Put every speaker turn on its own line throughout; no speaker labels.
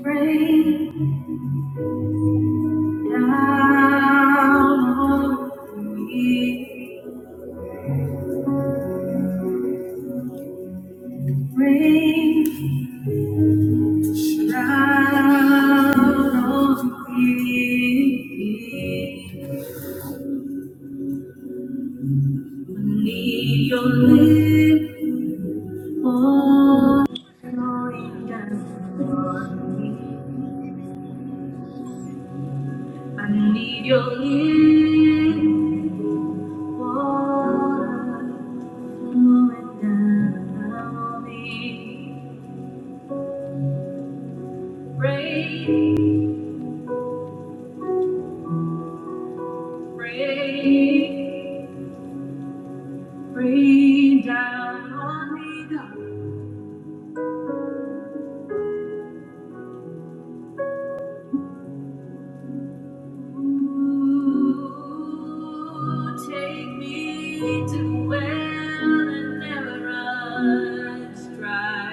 Rain down on me, rain down on me. Need your little pouring down on me. I need your little Rain, rain, rain down on me, God. Ooh, take me to where the never runs dry.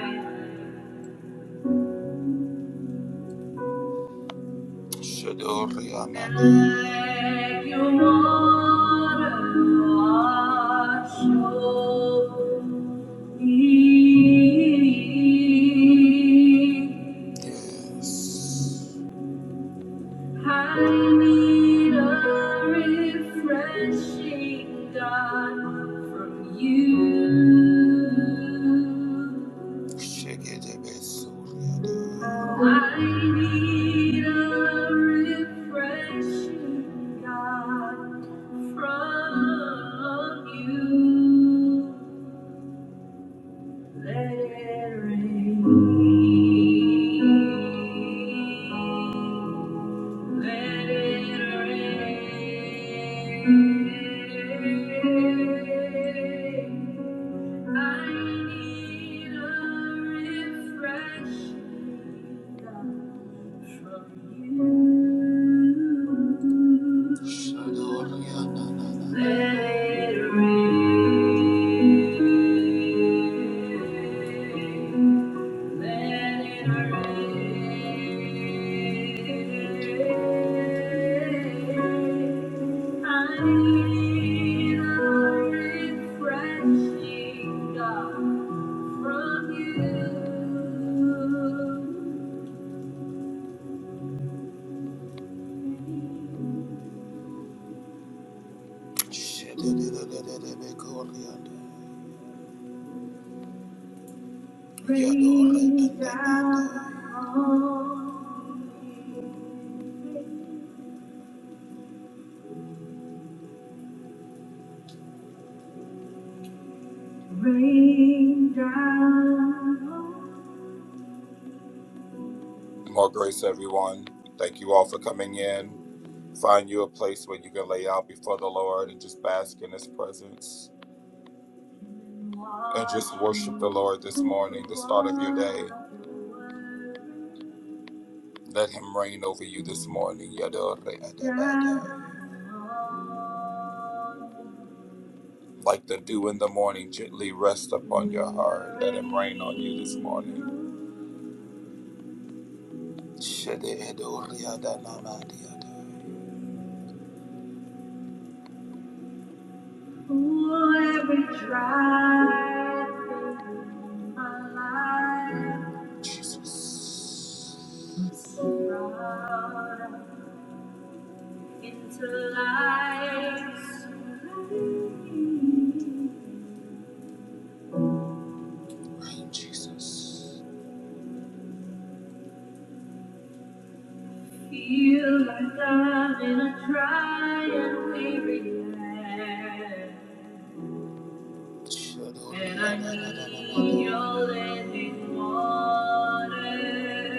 Shadoriana. Let your water wash over me. Yes. I need a refreshing, God, from you. Shigedebes. I need a refreshing, God, from you. Let it rain. Let it rain. I need a refreshing from you. Let it rain. Let it rain. I need a refreshing, God, from you. Rain down on me. Rain down. More grace, everyone. Thank you all for coming in. Find you a place where you can lay out before the Lord and just bask in His presence and just worship the Lord this morning, the start of your day. Let Him reign over you this morning. Like the dew in the morning, gently rest upon your heart. Let Him reign on you this morning. Shededo riada nama diada. Ooh, every trial in my life, Jesus. brought into light. Rain, Jesus. Feel like I'm in a dry and weary land. And I need your living water.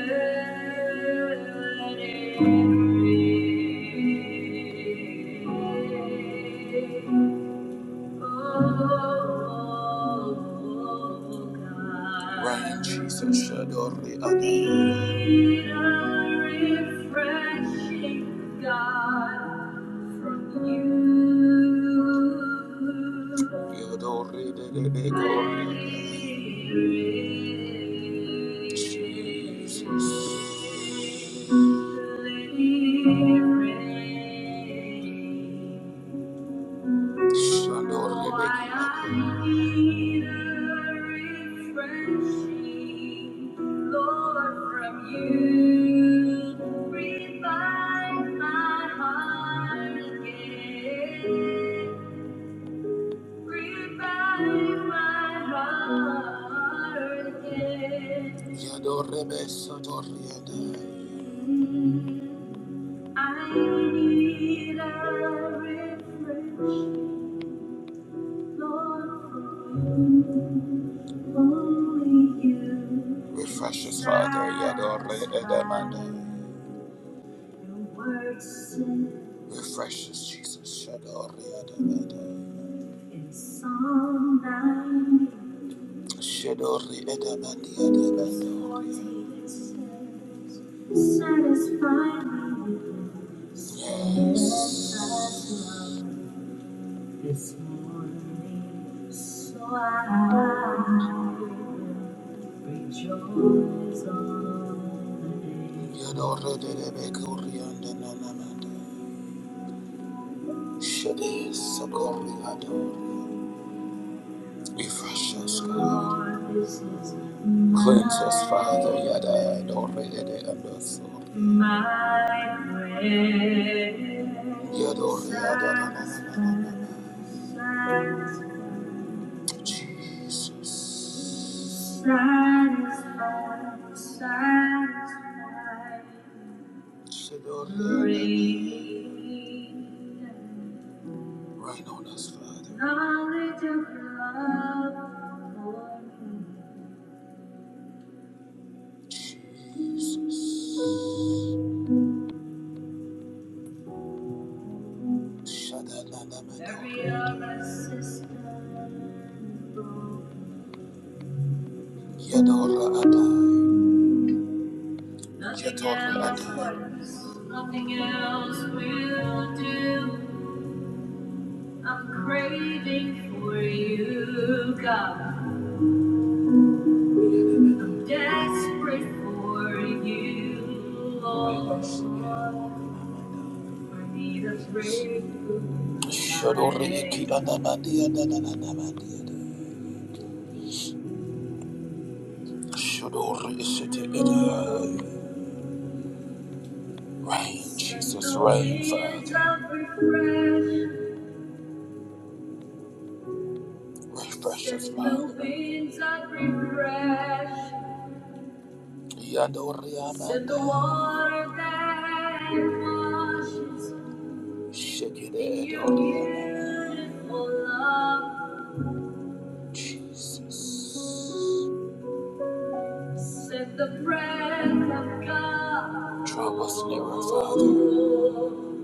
Let it Right, Jesus, Shadori Adonai. Refreshing God from you. Yodori de de Jesus. Let it rain. Why I need a refreshing, Lord, from you. Revive my heart again. Revive my heart again. Yadorebe sotoriadai. I need a refreshing. Refresh us, Father. Yadore edamanda. Refresh us, Jesus. Shadore edamanda. Shadore edamandi edamanda. Satisfy me. Yes. This morning, so I rejoice on the day. Yadore de debe kuriande nanamande. Shede sokori Refresh us, God. Cleanse us, Father. Yada, Dora, Yada, and also. Yada, Dora, Yada, na, na, na, na, na, na. Jesus. Shadora, Yada. Rain on us, Father. Knowledge of your love for me. Jesus. Shut that Every other system broken. Yadora Adai. Yadora Adai. Nothing else will do. I'm craving for you, God. I'm Desperate for you, Lord. I need a breakthrough. Shodori ki anamandi anananamandi. Shodori isete edai. Rain, Send Jesus, the rain, winds Father. of refresh. Refresh us, Send the Father. winds of Send the water that washes. Shake it out, Lord. Jesus. Set the breath of God. Draw us nearer, Father.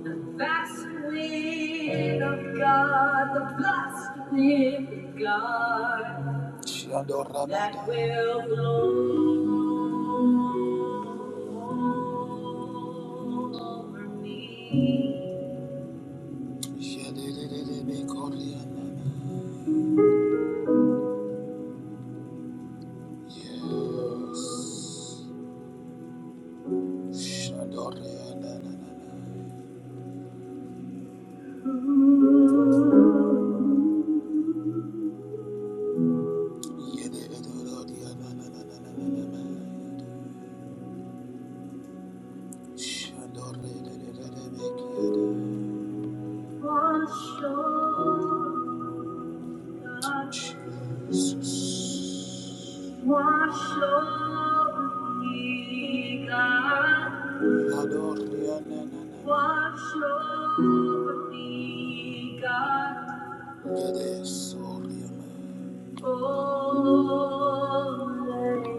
The vast wind of God, the blast wind of God. Shandor That will blow over me. Yes. Shadorianana. Yedidorodianana. Shadorianana. Wash your Wash over me, God. Adore me, oh, na, na, na. Wash over me, God. Yes, oh, yeah, man. Oh, let it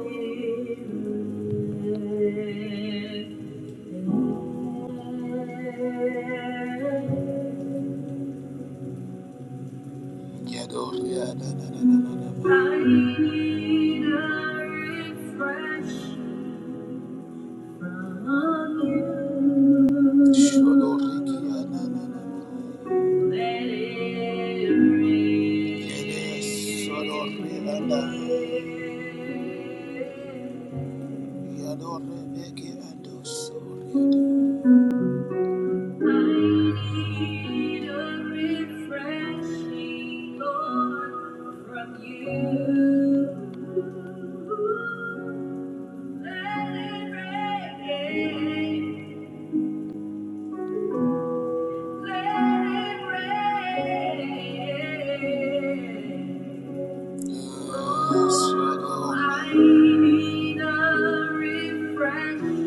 rain yeah, I need a refresh from you. Shodo, Riki, yeah, na, Let it rain. I need a refreshing, Lord, from you. Let it rain, let it rain. I need a refresh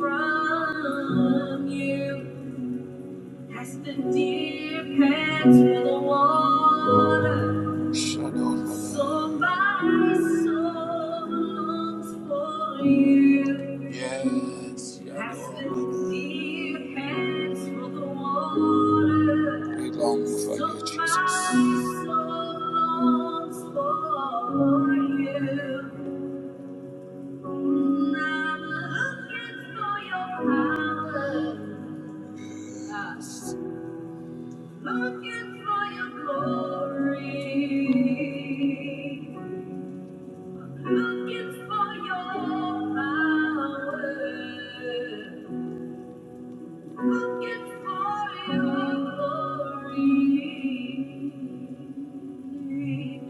from you. As the deer pants for the water, so my soul longs for you. Yes, As the deer pants for the water, we long for so you, Jesus. my soul longs for you. And I'm looking for your power. Looking for your glory. Looking for your power. Looking for your glory.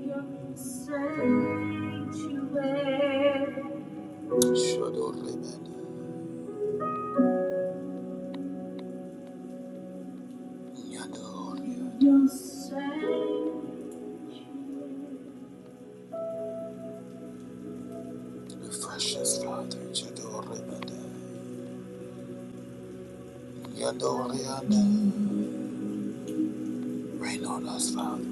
Your sanctuary. Shador Rebani. Nyador. Your sanctuary. Refresh us, Father. Shador Rebani. Yandorianda. Rain on us, Father.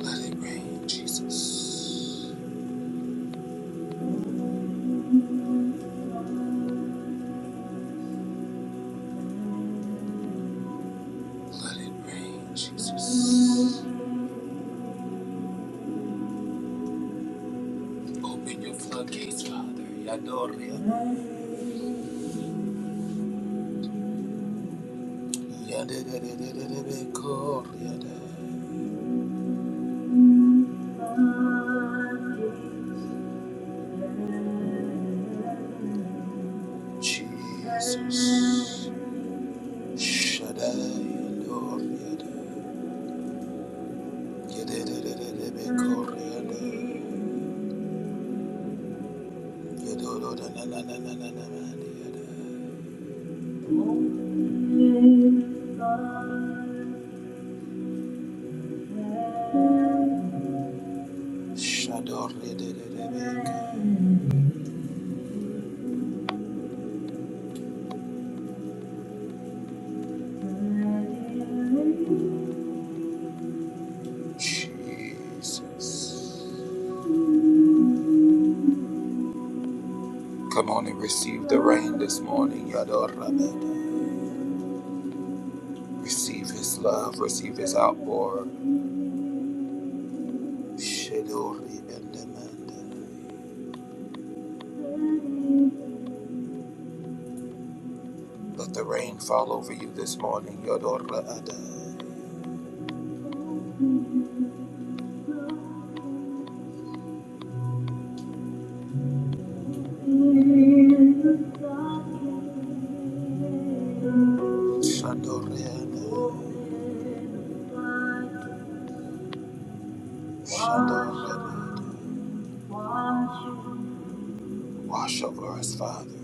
Let it rain, Jesus. Let it rain, Jesus. Open your floodgates, Father. Yandorianda. Yandorianda. Jesus. Shaddai Lord, Yada. Yededededebe Kor Yada. Yedododonanananananamani Yada. Shador Yedededebe Ka. Jesus. Come on and receive the rain this morning, Yador Rabada. Receive his love, receive his outpour. Shadori and Amanda. Let the rain fall over you this morning, Yodora Ada. Shandori Ada. Shandori Ada. Wash over us, Father.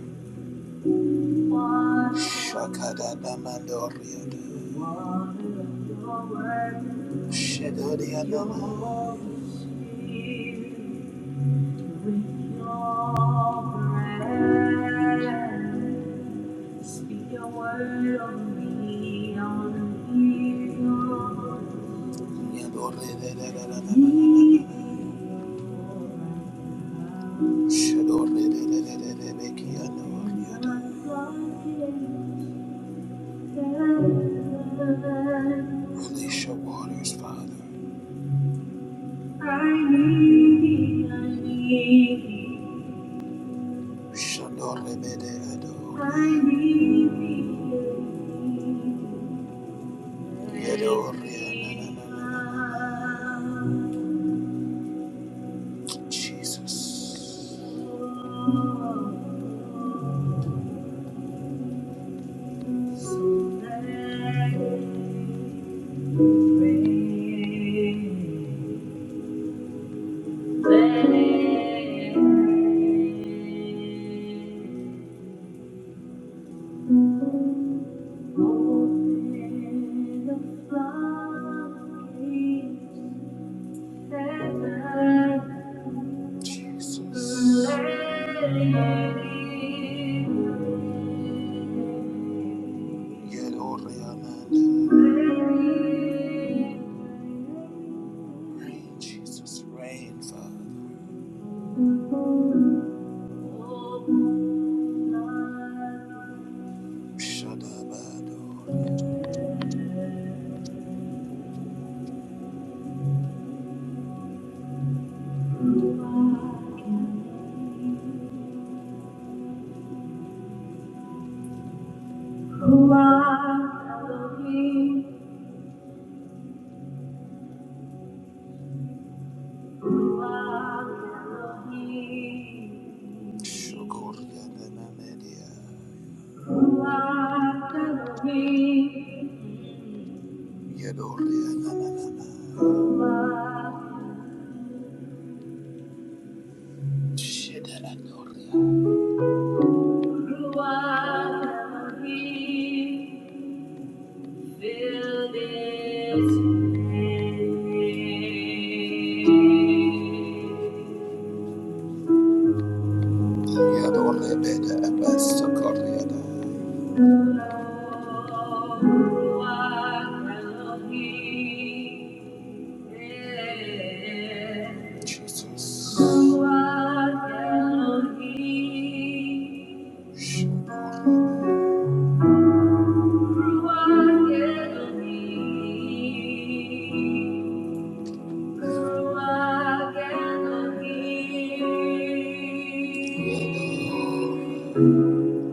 Shakadadamandoriada. Shedodiadama. Yadoridadadadadadadadada. Shedoridadadadadabekiadoriada. Release your waters, Father. I need thee, I need thee. I need thee. Jesus. Let it rain. Rain, Jesus, rain, Father. Shadabado. Ruach Elohim, Ruach Elohim, Shukur Yadanamedia. Ruach Elohim, Yador Yadanamana. Fill this place. Yadorebede Jesus.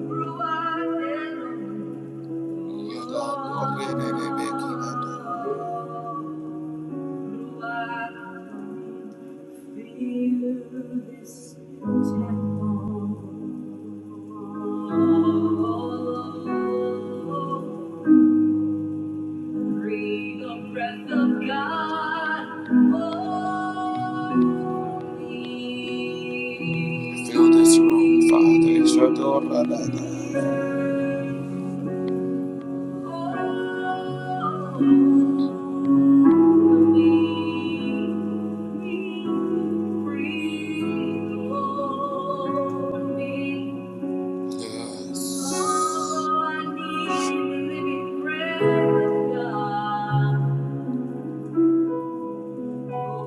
Thank Breathe the breath of God on me. Fill this room, Father. Shadora Baba. Over me. Breathe over me. Yes. Oh, I need the living breath of God. Fill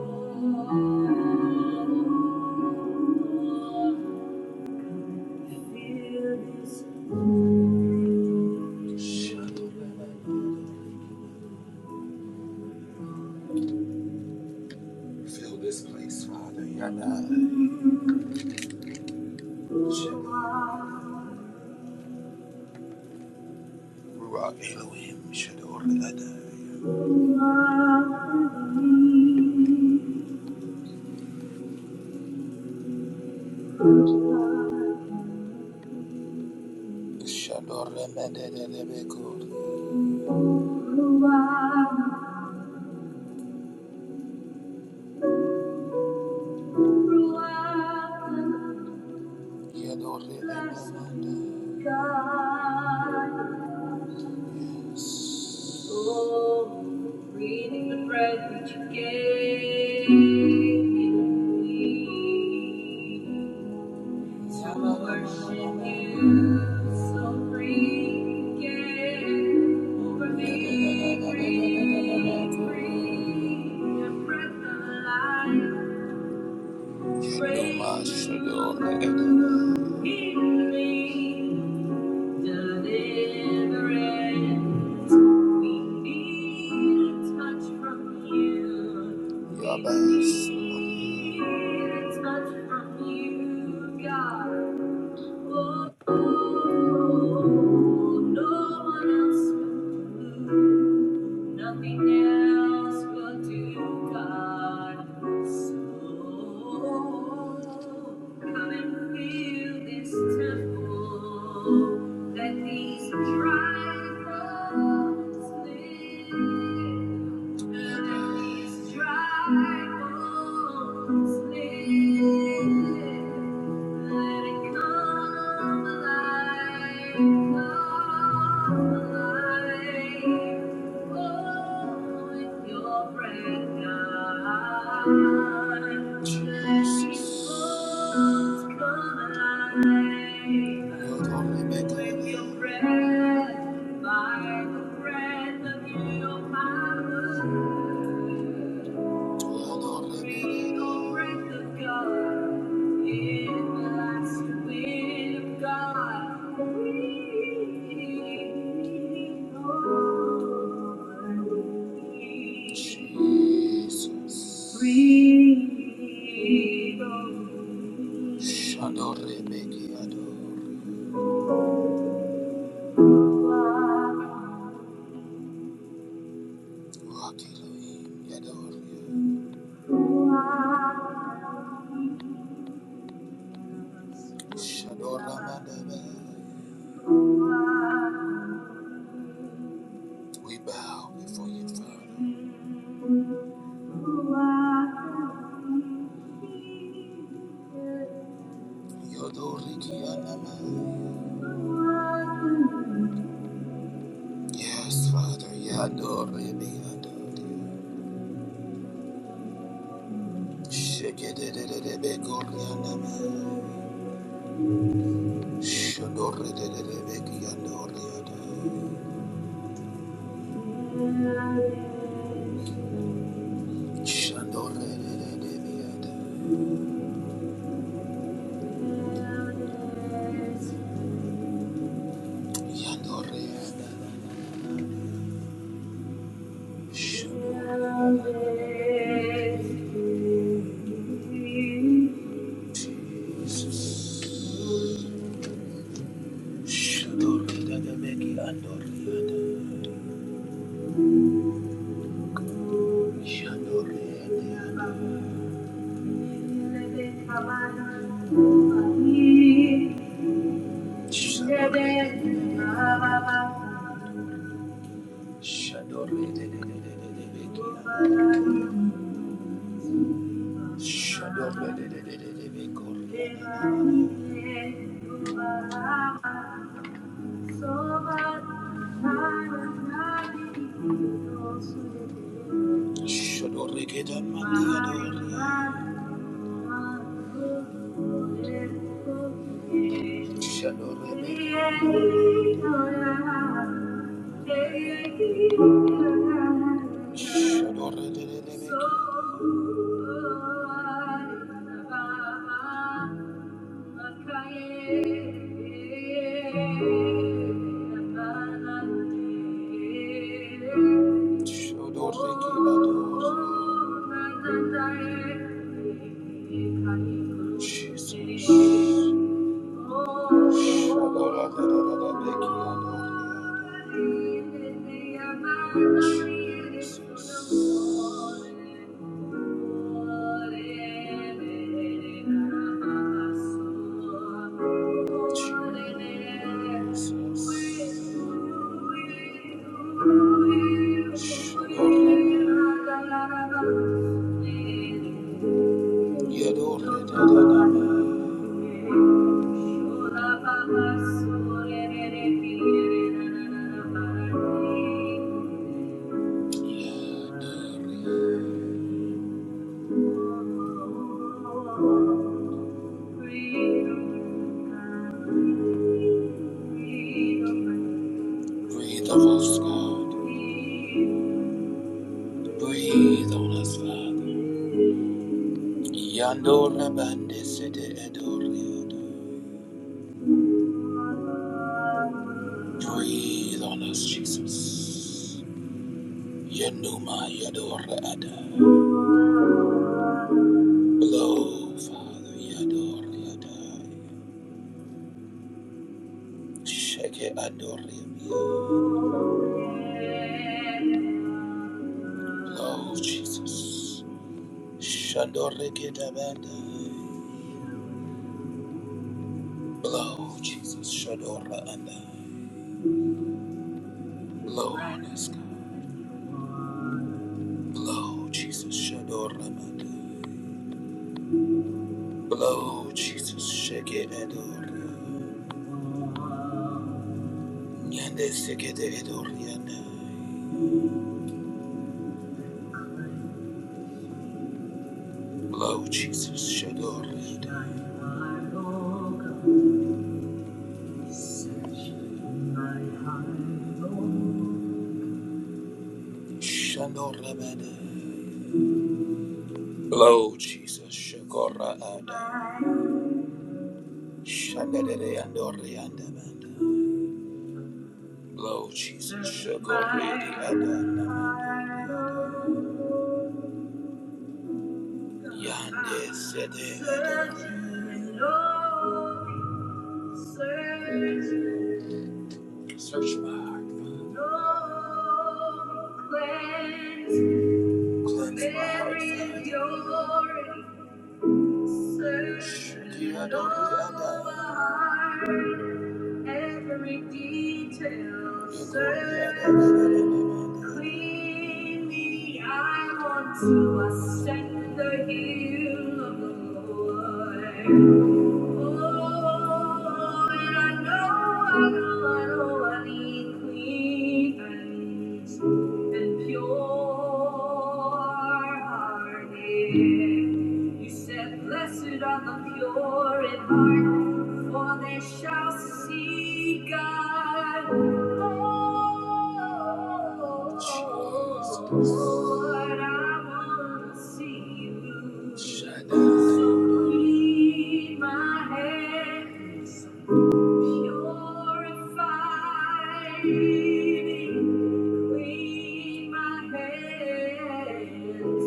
this place, Father. Yada. Ruach Elohim. Shador Ladai. Shador Lemedelebekur. Yadore Emamanda. God, oh, breathing the breath that you gave me. How I will worship you, so free again. Over me, free, free, your breath of life. Breathe Yadoma in me. Deliverance, we need a touch from you. We need a touch from you, God. Nothing else will do, God. So come and fill this temple. Let these dry bones live. Let these dry bones live. Let it come alive, come alive. Oh, with your breath. By the Breath of your power. Jesus. Breathe on me. Shadow Rebeki Ador. Wakilohi Ador. We bow before you, Father. Yodorikianama. Yes, Father. Yadorebeadori. Shekederebekorianama. Shadorebekiandoriada. Shandorelelelelelele. Yandorelelelele. Jesus. Shandorelelelelele. Yandorelelelele. Yandorelelelele. Shadow. you. Shodorekeda Mandiador. Shodorebeki. Jesus. Yadore, Breathe on us, God. Breathe on us, Father. Yandor Labande Sede Edor Breathe on us, Jesus. Yanuma Yadora Ada. Blow, Father Yadora Ada. Sheke Adoria. Blow, Jesus. Shandore Kedabanda. Blow, Jesus. Shadora Ada. Blow on us, God. Blow, Jesus. Shadora Ada. Blow, Jesus, shake it, Edor. Nyande sekete Edor Yandai. Blow, Jesus, Shador Yandai. Shandor Labadai. Blow, Jesus, Shakora Adai. Shandere Yandor Yandamanda. Lord Jesus, Shagoridi Adana Yande Sede Adana. Search my heart, Father. Cleanse my heart, Father. Shagoridi Adana. Adana. Every detail serves cleanly. I want to ascend the hill of the Lord. Oh, and I know, I know, I know I need clean hands and pure hearted. You said, Blessed are the pure in heart. For they shall see God. Oh, Lord, I want to see you. So lead my hands, purify me. Clean my hands,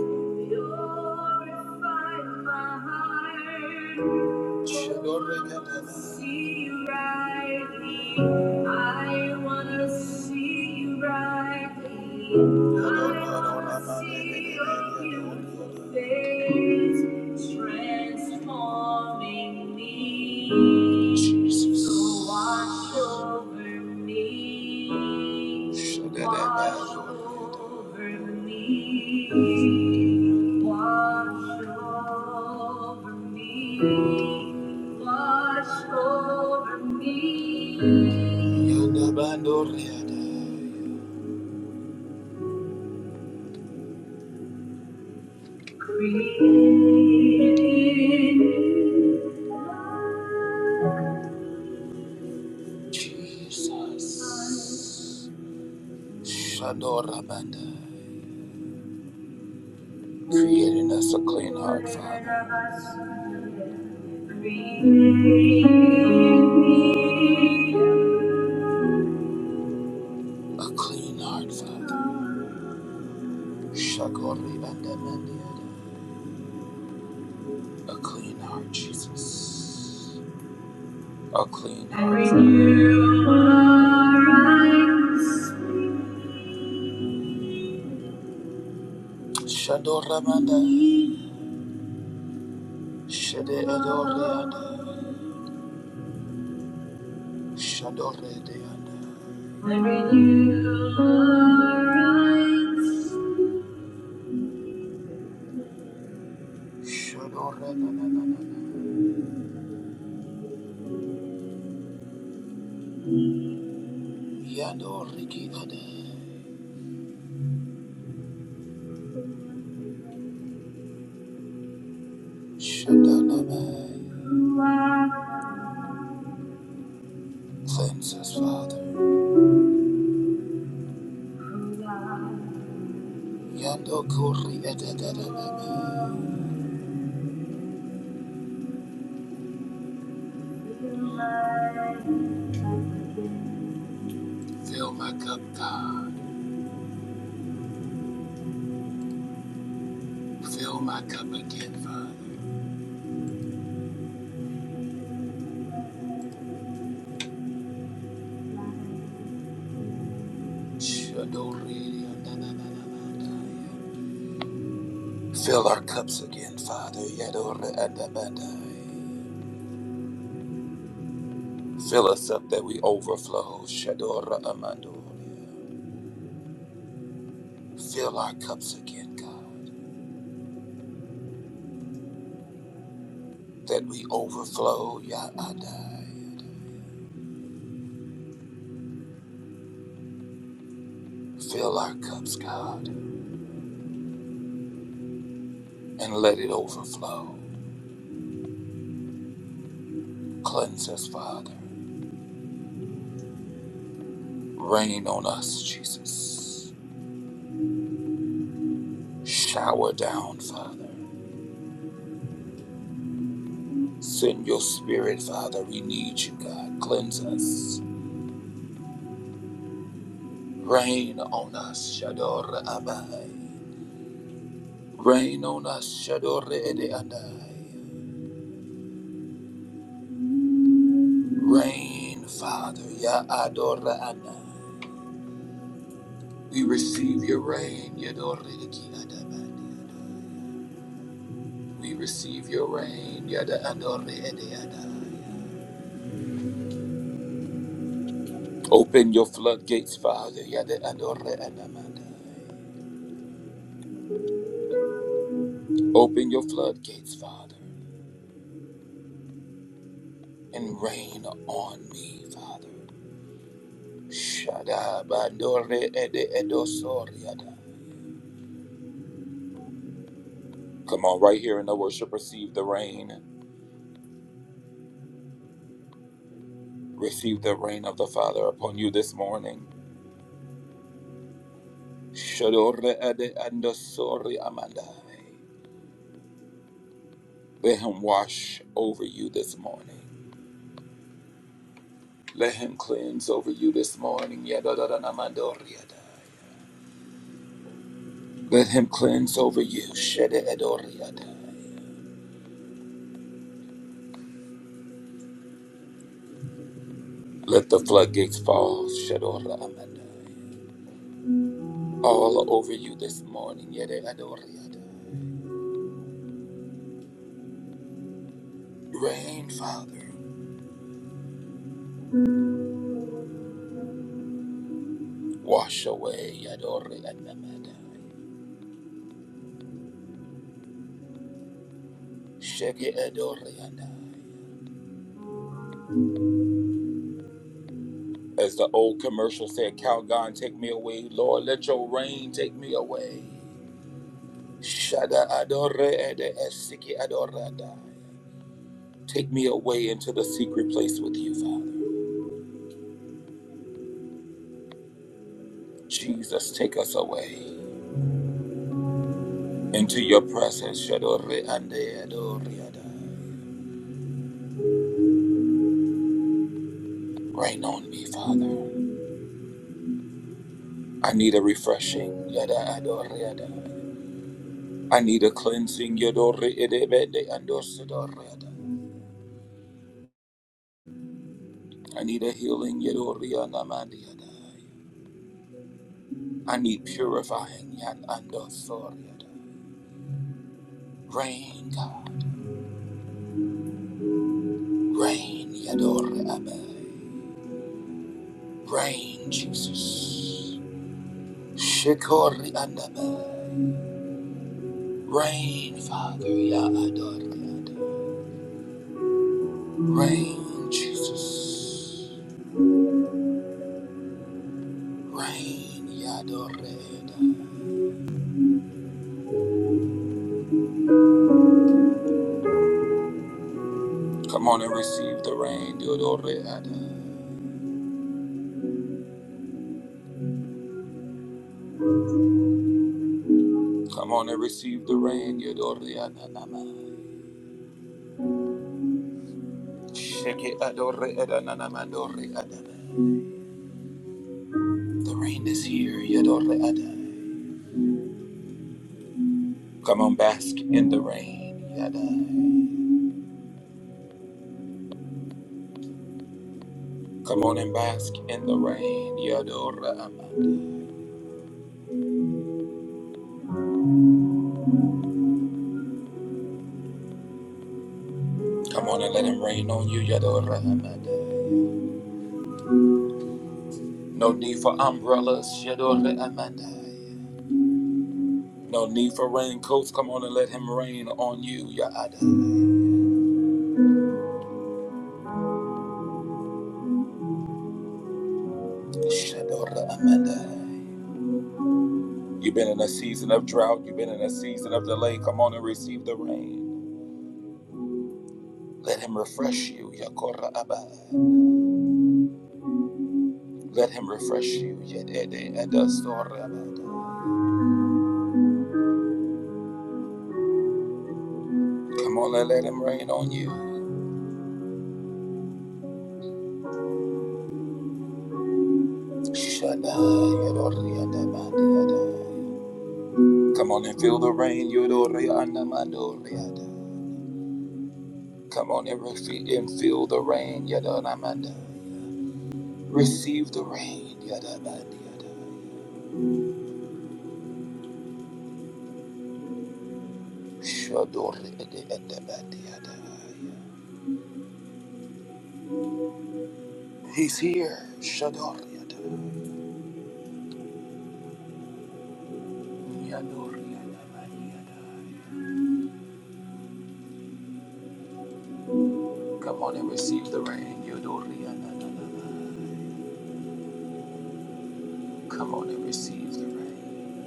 purify my heart. See you rightly. I wanna see you rightly. I wanna see your beautiful face transforming me. Jesus over me. Shagadabaso. over me. Watch over me. Watch over me. Yadabandoriada. Create in me, Jesus. Shadorabanda. Create in us a clean heart, Father. A clean heart, Father. Shakori and A clean heart, Jesus. A clean heart. Shadoramanda. Shede Edoriada. Shadoradianda. When renewal rides, Shadoranananana. Yadorikiada. Shadanaba. you are Cleanse us, Father. alive. Yadokoriadadadadaba. You are Fill my cup, God. Fill my cup again, Father. Fill our cups again, Father. Yadoradabadaya. Fill us up that we overflow. Shadora Amandoria. Fill our cups again, God, that we overflow. Yaadaya. Fill our cups, God, and let it overflow. Cleanse us, Father. Rain on us, Jesus. Shower down, Father. Send your spirit, Father. We need you, God. Cleanse us. Rain on us, Shador Abai. Rain on us, Shador Ede Adai. Rain, Father, Ya Ador Adai. We receive your rain, Yador Eki Adabadi. We receive your rain, Yada Ador Ede Adai. Open your floodgates, Father, Yada Ador Adamandai. Open your floodgates, Father, and rain on me, Father. Shada bandore ede edosoriada. Come on, right here in the worship, receive the rain. Receive the rain of the Father upon you this morning. Shadore ede andosori amandai. Let him wash over you this morning. Let him cleanse over you this morning. Yadadadanamadoriada. Let him cleanse over you. Shede edoriada. Let the floodgates fall. Shadora amandai. All over you this morning. Yede edoriada. Rain, Father, wash away Adore Anamadai. Shege Adore Anai. As the old commercial said, Calgon, take me away. Lord, let your rain take me away. Shada Adore Ede Esiki Adore Adai. Take me away into the secret place with you, Father. Jesus, take us away into your presence. Shadore Ande Adore Adai. Rain on me, Father. I need a refreshing. Yada Adore Adai. I need a cleansing, Yadori Edebede and Osidoriada. I need a healing, Yadori Anamandiada. I need purifying, Yan and Rain, God. Rain, Yadori Abe. Rain, Jesus. Shikori Andabe. Rain, Father, Ya Rain, Jesus. Rain, Yadori Come on and receive the rain, Yadori Ada. Come on and receive the rain, Yodori Adanama. Sheke Adore Adanama Dori Adana. The rain is here, Yodori Adai. Come on, bask in the rain, yada. Come on and bask in the rain, Yadora Amad. Come on and let him rain on you, Yadora Amad. No need for umbrellas, Yadora Amad. No need for raincoats. Come on and let him rain on you, Yadai. Shadora Amad. You've been in a season of drought. You've been in a season of delay. Come on and receive the rain. Let him refresh you, Yakora Abba. Let him refresh you, Yedede Edasora Abba. Come on and let him rain on you. Shana Yadori Adamandi Ada. Come on and feel the rain, Yodori Anamandori Ada. Come on and, refi- and feel the rain, Yadanamanda. Receive the rain, Yadamandi Ada. Shadori Ede Edamandi Ada. He's here. Shadoriada, Yadoriada, Mariada. Come on and receive the rain. Yodoriada, na, na, na. Come on and receive the rain.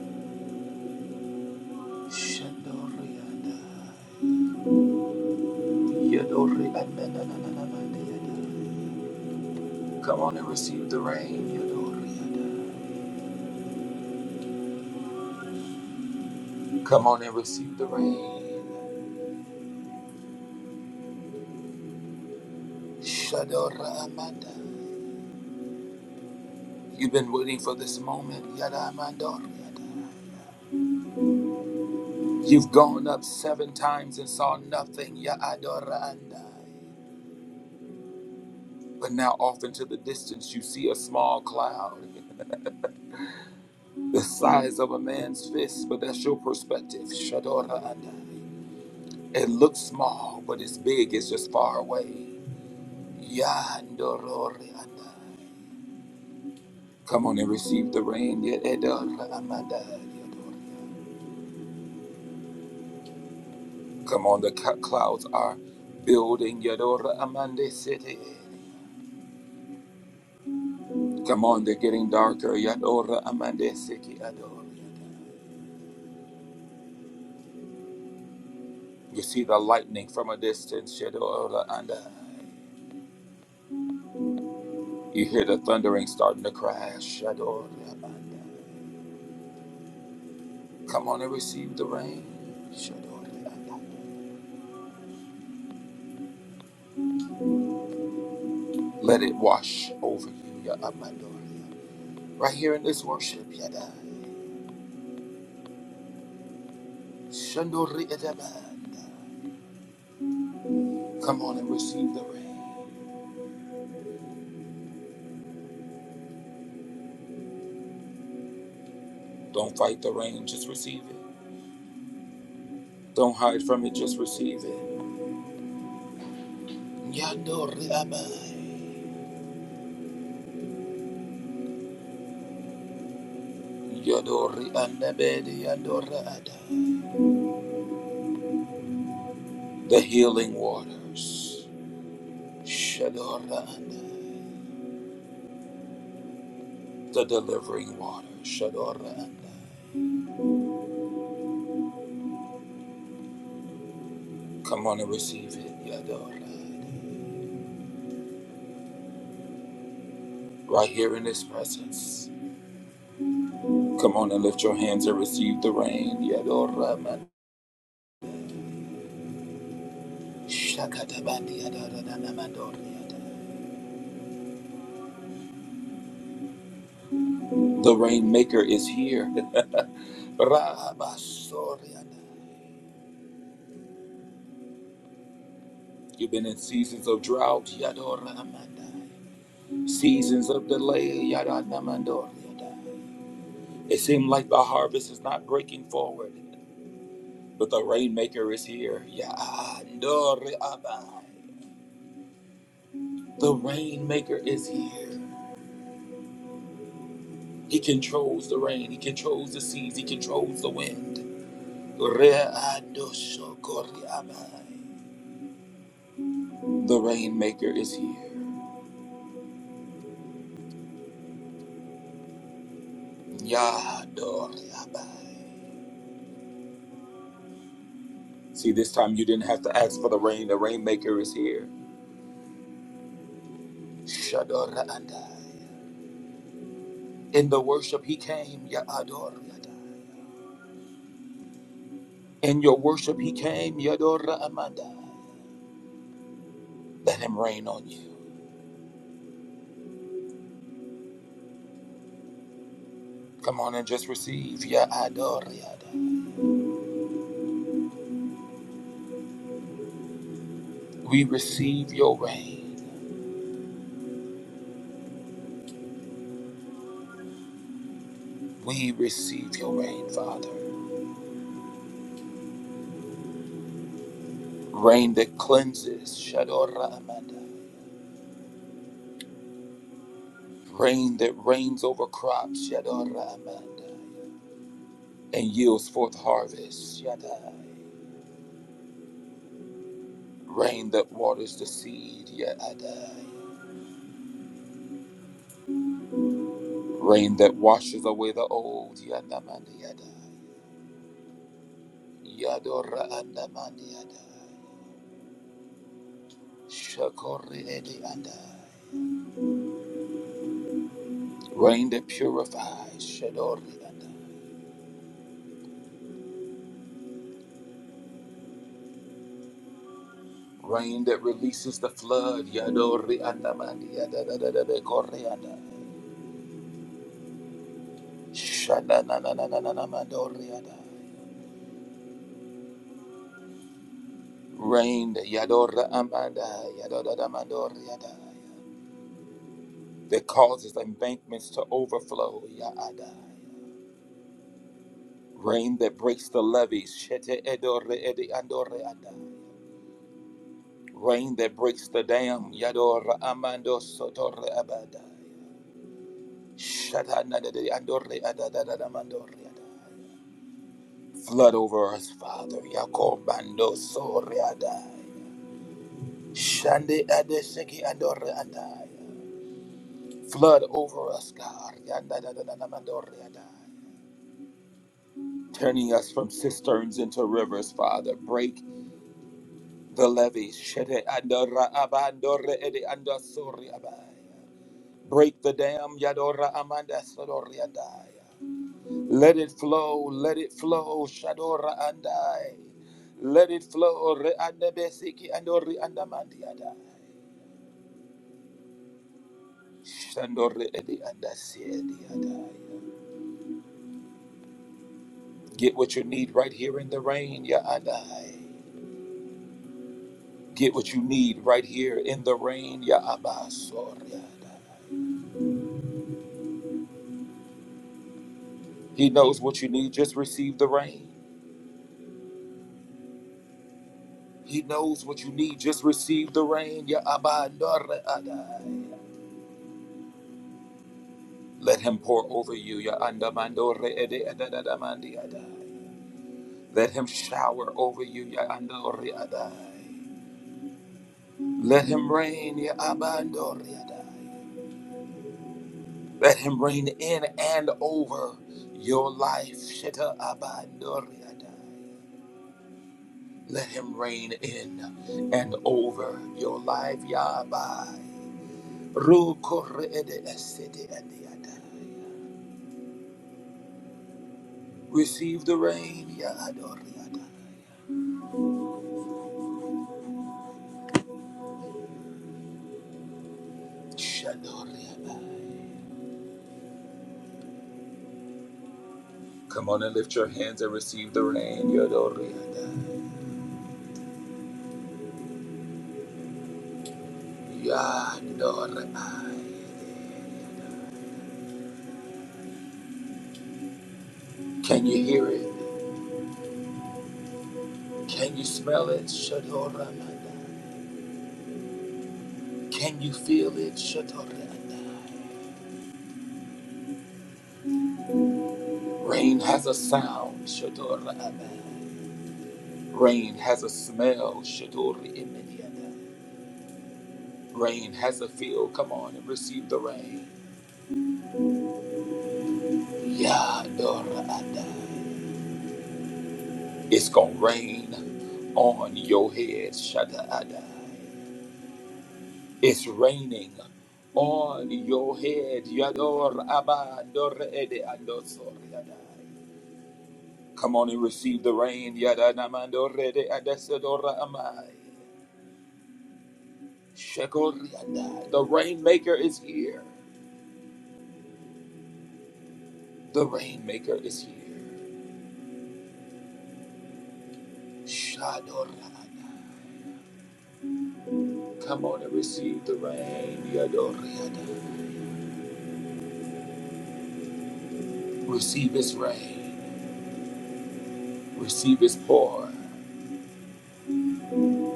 Shadoriada, Yadoriada, na, na, na, na, na, Mariada. Come on and receive the rain. Yodoriada. Come on and receive the rain. Shadora Amanda. You've been waiting for this moment. Yada Amandor. You've gone up seven times and saw nothing, ya adorandai. But now off into the distance you see a small cloud, the size of a man's fist, but that's your perspective, shadorandai. It looks small, but it's big, it's just far away. Yandororandai. Come on and receive the rain, ya edoramadai, Come on, the clouds are building, yadora amande city. Come on, they're getting darker. Yadora amande seki adora. You see the lightning from a distance. Yadora anda. You hear the thundering starting to crash. Yadora anda. Come on and receive the rain. Yadora anda. Let it wash over you. Ya amandori. Right here in this worship. Yada. Shandori adamanda. Come on and receive the rain. Don't fight the rain, just receive it. Don't hide from it, just receive it. Yadori amai. Yadori Andabedi Yadora Ada. The healing waters. Shadora Anda. The delivering water. Shadora Anda. Come on and receive it. Yadora Ada. Right here in His presence. Come on and lift your hands and receive the rain. Yadora Man. Shakatabandi Yadora Dana The rainmaker is here. Rahabasoriana. You've been in seasons of drought. Yadora Amanda. Seasons of delay, yada namandor, yada. It seemed like the harvest is not breaking forward, but the rainmaker is here. Yada abai. The rainmaker is here. He controls the rain, he controls the seas, he controls the wind. Re'adosho abai. The rainmaker is here. Yadori abai. See, this time you didn't have to ask for the rain. The rainmaker is here. Shadora andai. In the worship he came, Ya Ador Yada. In your worship he came, Yadora Amanda. Let him rain on you. Come on and just receive, Ya Ador Yada. We receive your rain. We receive your rain, Father. Rain that cleanses, Shadora Amanda. Rain that rains over crops, Yadora Amanda. And yields forth harvest, Yadai. Rain that waters the seed, Yadai. Rain that washes away the old. Yandamandiada. Yadora andamandiada. Shakori edi Rain that purifies. Shadori anda. Rain that releases the flood. Yadori andamandiada. Dadadabe kori Rain that yadora amanda. Yadodadamandori anda. That causes embankments to overflow. Yaada. Rain that breaks the levees. Shete edore edi andore ada. Rain that breaks the dam. Yador amando sotore abada. Shata nadede andore ada da da da mandore ada. Flood over us, Father. Yakob bando sore ada. Shande ade seki andore ada. Flood over us, God. Yanda da da da da mandore ada. Turning us from cisterns into rivers, Father. Break The levy, shete andora abandore ede andasori abai. Break the dam, yadora amanda sodori andai. Let it flow, let it flow, shadora andai. Let it flow, re andabesiki andori andamandi andai. Shandore ede andasi ede andai. Get what you need right here in the rain, ya andai. Get what you need right here in the rain, ya abasori andai. He knows what you need, just receive the rain. He knows what you need. Just receive the rain. Ya abandore adai. Let him pour over you. Ya andamandore ede edadadamandi adai. Let him shower over you. Ya andore adai. Let him rain. Ya abandore adai. Let him rain in and over your life. Shita abandore adai. Let him reign in and over your life. Ya abai. Ru ede esede ede adai. Receive the rain. Ya adoriada. Shadoriada. Come on and lift your hands and receive the rain. Ya adoriada. Ya adorai. Can you hear it? Can you smell it? Shadoramada. Can you feel it? Shadoramada. Rain has a sound. Shadoramada. Rain has a smell. Shadoramada. Rain has a feel. Come on and receive the rain. Ya adorai. It's gonna rain. on your head, Shaddai. It's raining on your head, Yador Abba Dor Ede Adosor Yadai. Come on and receive the rain, Yadanamandor Ede Adesadora Amai. Shekor Yadai. The rainmaker is here. The rainmaker is here. Shador Yadai. Come on and receive the rain, Yador Yadai. Receive his rain. Receive his pour.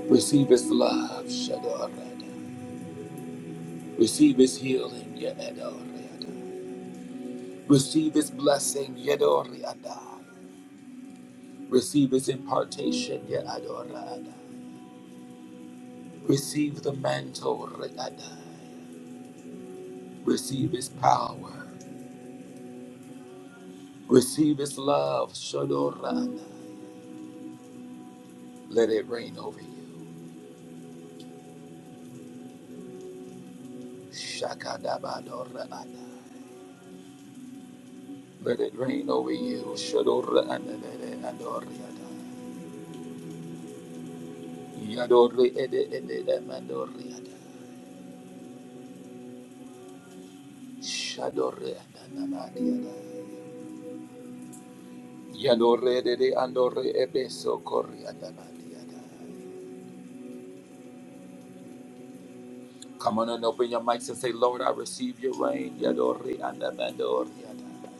Receive his love, Shadorada. Receive his healing, Yadorada. Receive his blessing, Yadorada. Receive his impartation, Yadorada. Receive the mantle, Yadorada. Receive his power. Receive his love, Shadorada. Let it rain over you, Shakadabadorada. Let it rain over you, Shadorada. Yadorada. Yadorada. Shadore andamadiada. Yadore dede andore ebeso kori andamadiada. Come on and open your mics and say, Lord, I receive your rain. Yadore andamandoriada.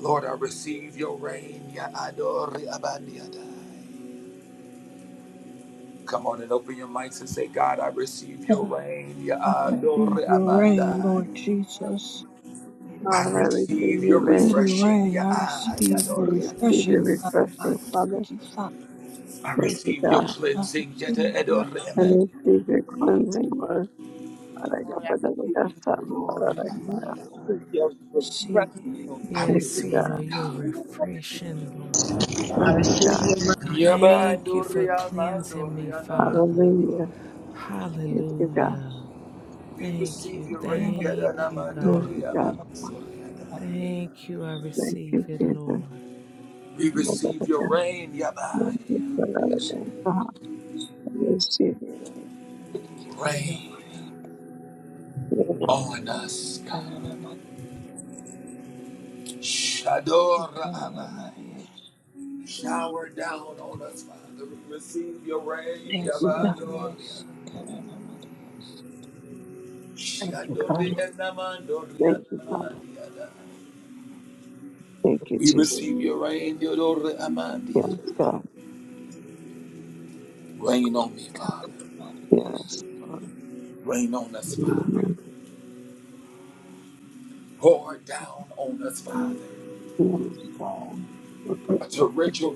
Lord, I receive your rain. Yadore abadiada. Come on and open your mics and say, God, I receive your
God,
rain.
I receive
Yadore
your rain,
abandai.
Lord Jesus.
I
God, I receive
receive
your
your
Let it
rain.
refreshing.
rain. I receive
I
your
Yadore abandai.
receive your
refreshing, God. I
refreshing, Father.
thank you, Father.
I
Thank you,
receive your
God.
I
cleansing.
receive your
Yadore
I
rain.
abandai.
receive your cleansing, Lord. Thank
Lord, I
I
receive your
Receive
refreshing, Lord God.
Yes,
you,
receive
Lord,
God.
it,
you're
God.
refreshing, Lord.
Thank you, God.
Thank you for
Yabandoria
cleansing me,
mandoria nama.
Father.
Hallelujah. Thank you, God.
Hallelujah.
We
Thank
receive
you.
your
your
rain,
Thank
rain.
Yadana
you,
Thank
God.
you,
mandoria
God.
I'm gonna
mansoria nama.
Thank you. I
Thank
receive
you,
it,
Jesus.
Lord.
We
Thank
receive your rain,
you,
Yabai.
God. I receive your rain.
Thank you for your
Rain
rain.
Thank
on us, God.
Kanana Maria,
Shadora
Kanana
Abai.
Maria.
Shower down on us, Father. We receive your rain,
Yes, Maria,
Yabandoria.
Kanana Maria. Kanana Maria,
you, God.
Shandoria namandoria
Thank you, Father.
nama.
Thank you,
We
Jesus.
receive your rain, your Lord Amandia.
Yes, God.
Rain on me, Father.
Yes,
Rain on us,
Lord.
Father. Pour down on us, Father.
Yes, God.
A torrential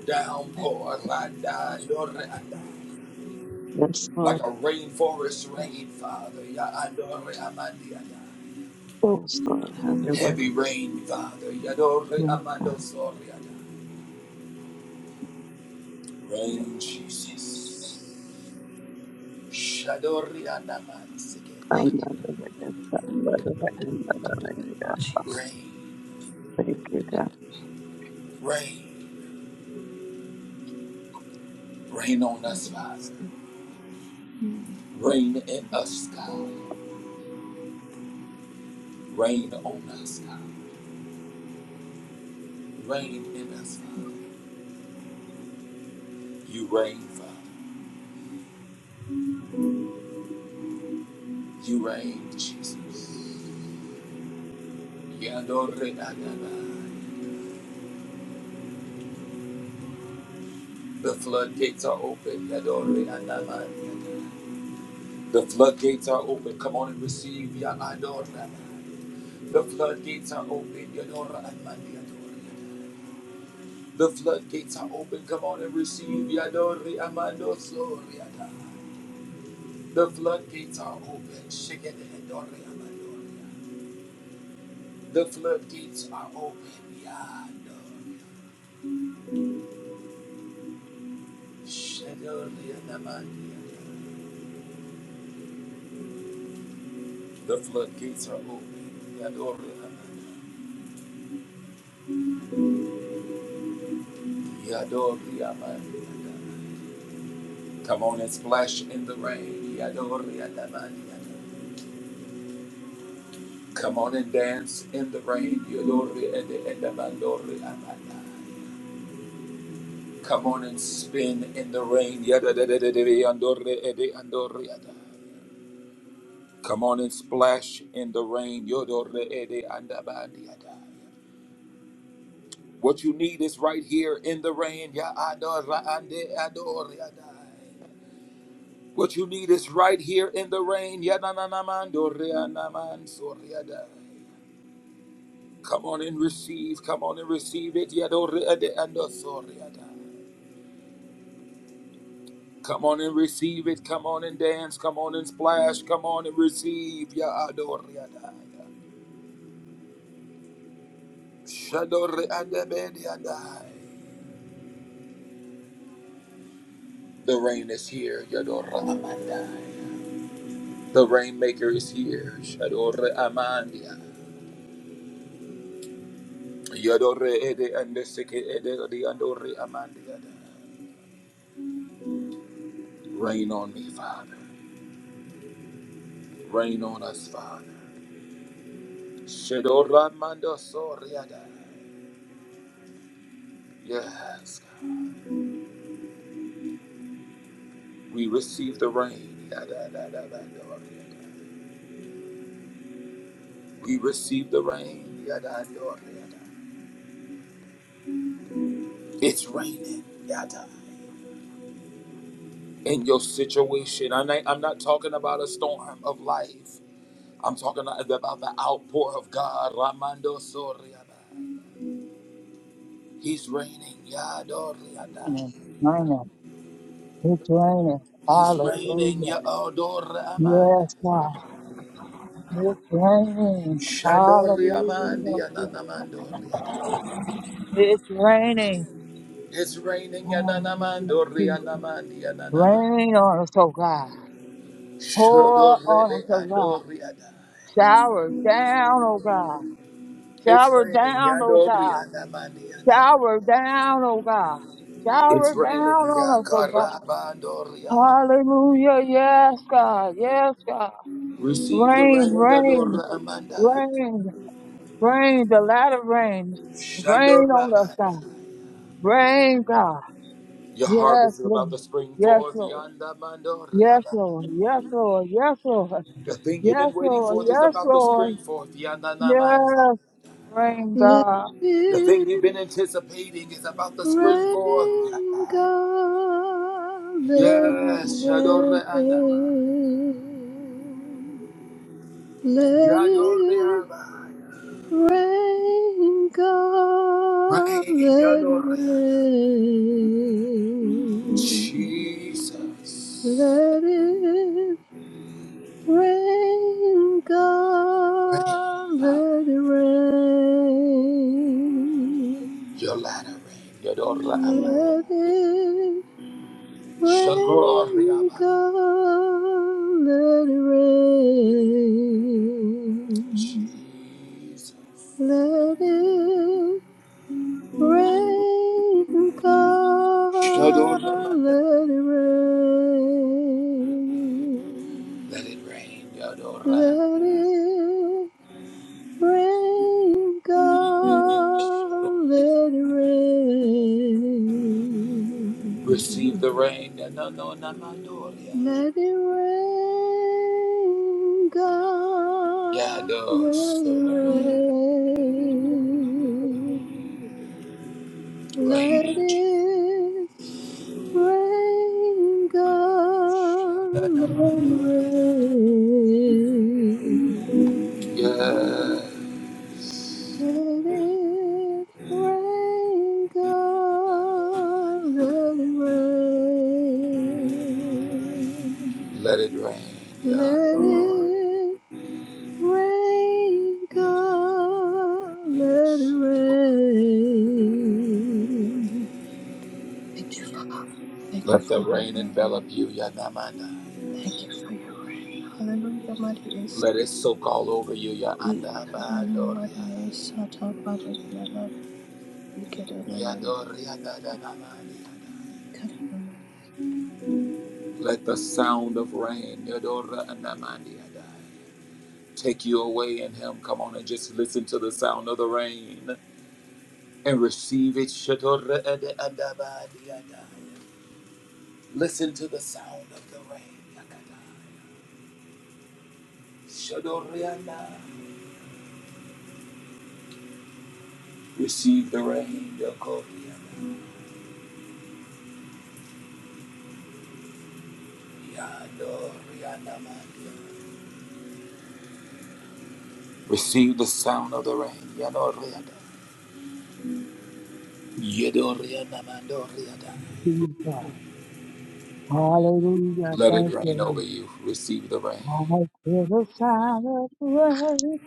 let
downpour,
God
Landa, Yore
let it
Anda.
rain.
Yes,
like
Lord.
a rainforest
Yes,
rain, Father. Ya Andore Amandia.
Yes, Lord. Have your way.
Heavy rain, Father. Yadore
Yes, God.
Amando Soriada.
let it
Rain,
rain,
Jesus.
Jesus.
Shadori
Thank
I'm
Anamansi.
not
you,
the witness. I'm not the witness. I'm not the witness.
Jesus.
Rain,
Thank you, God.
rain, rain on us,
Maria,
Father.
see.
Reign in us, God. Reign on us, God. Reign in us, Father. You reign, Father. You reign, Jesus. Yadore Adonai. The floodgates are open. Yadore Adonai. The floodgates are open. Come on and receive Yadore Adonai. The floodgates are open. Yadore Adonai. The floodgates are open. Come on and receive Yadore Amando Soriada. The floodgates are open. Shaking and darkly, The floodgates are open. Yeah, no. Shadowly, The floodgates are open. Yeah, Yeah, Come on and splash in the rain. Yeah, Come on and dance in the rain, Come on and spin in the rain, Come on and splash in the rain. Yodore ede What you need is right here in the rain. Ya adora ande adoriada. What you need is right here in the rain. Ya na na na man dore anaman soriada. Come on and receive. Come on and receive it. Yadore andosoriada. Come on and receive it. Come on and dance. Come on and splash. Come on and receive. Ya adoriada. Shadore ande The rain is here, Yadora Amanda. The rainmaker is here, Shadore Amandia. Yadore Ede and the Seke Ede the Andore Amandia. Rain on me, Father. Rain on us, Father. Shadora Amanda Soriada. Yes, God. we receive the rain. Yada, da, da, da, Doriada. We receive the rain. Yada, Doriada. It's raining. Yada in your situation. I'm not, I'm not talking about a storm of life. I'm talking about the outpour of God. Ramando Soriada. He's reigning. Yadoriada.
In it, man, it's raining.
He's reigning.
Hallelujah.
Yadoramanda.
Yes, God. It's raining. Hallelujah.
Shandoriamandi Ananamandoriada.
It's raining.
It's raining.
Hallelujah. Jesus.
Yananamandorianamandi Ananamanda.
Rain on us, oh God. Pour on us,
Shodorebe
oh God.
Adoriada.
Shower down, oh God.
It's
Shower
raining.
down, oh God.
Yadorianamandi Ananamanda.
Shower down, oh God.
It's
Shower down
raining.
on us, oh God.
Yakarabandoria.
Hallelujah. Yes, God. Yes, God.
Receive the
Rain,
rain,
rain,
Adora Amanda.
rain, rain, the latter rain. Rain
Shando
on us, God.
Rabanda.
Rain, God.
Your
Yes,
harvest is
Lord.
about to spring
Yes,
forth.
Lord.
Yanda Mando
Yes,
Riaba.
Lord. Yes, Lord. Yes, Lord.
The thing you've
Yes,
been waiting
Lord.
for is
Yes,
about to
Lord.
spring forth. Yanda Namando.
Yes, rain,
Let
God.
The thing you've
it
been anticipating is about to spring forth.
rain,
Yanda.
God, let it
Yes, Shando Reanda.
rain. Let
Yando
it
Riaba.
rain, God,
Rain,
let it
Yando Rianda.
rain.
Jesus.
Let it rain,
Rain,
God, let it rain.
your ladder rain. Yando Riaba.
Let it
Shagor
Rain,
Riaba.
God, let it rain.
Jesus.
Let it rain, God,
Shadora Mandala.
let it rain.
Let it rain, Yadora.
Let it rain, God,
Shadora.
let it rain.
Receive the rain, Yadona Namandoria.
Let it rain, God.
Yados.
Let it rain. Let
Rain. Jesus.
it rain, God. Let
Shadana.
it rain.
Yeah.
Let it rain, God.
Yadoria.
Let it rain.
Let it rain,
Let
Yador.
it Rain, God, let it rain. Thank you, Father. Thank you
Let
for
the
your
rain envelop
rain.
you, Yadamana.
Thank you for your rain. Hallelujah, Maria.
Let it
Si-
soak all over you,
I-
Yadamana.
Karana Maria,
Yadoria.
Sata Pada Kalala, Ikarana Maria,
Yadoria. Yadamana.
Karana Maria.
Let the sound of rain Yadora Anamandi Adai, take you away in Him. Come on and just listen to the sound of the rain and receive it. Shadora Ede Adabadi Adai. Listen to the sound of the rain. Yakadai. Shadori Adai. Receive the rain. Yokori Adai. Yadori Anamandi Adai. Receive the sound of the rain. Yadori Adai. Yadori Anamandori Adai.
Jesus. Hallelujah.
Let it
Thank you.
rain over
Lord.
you. Receive the rain.
I feel the sound of rain.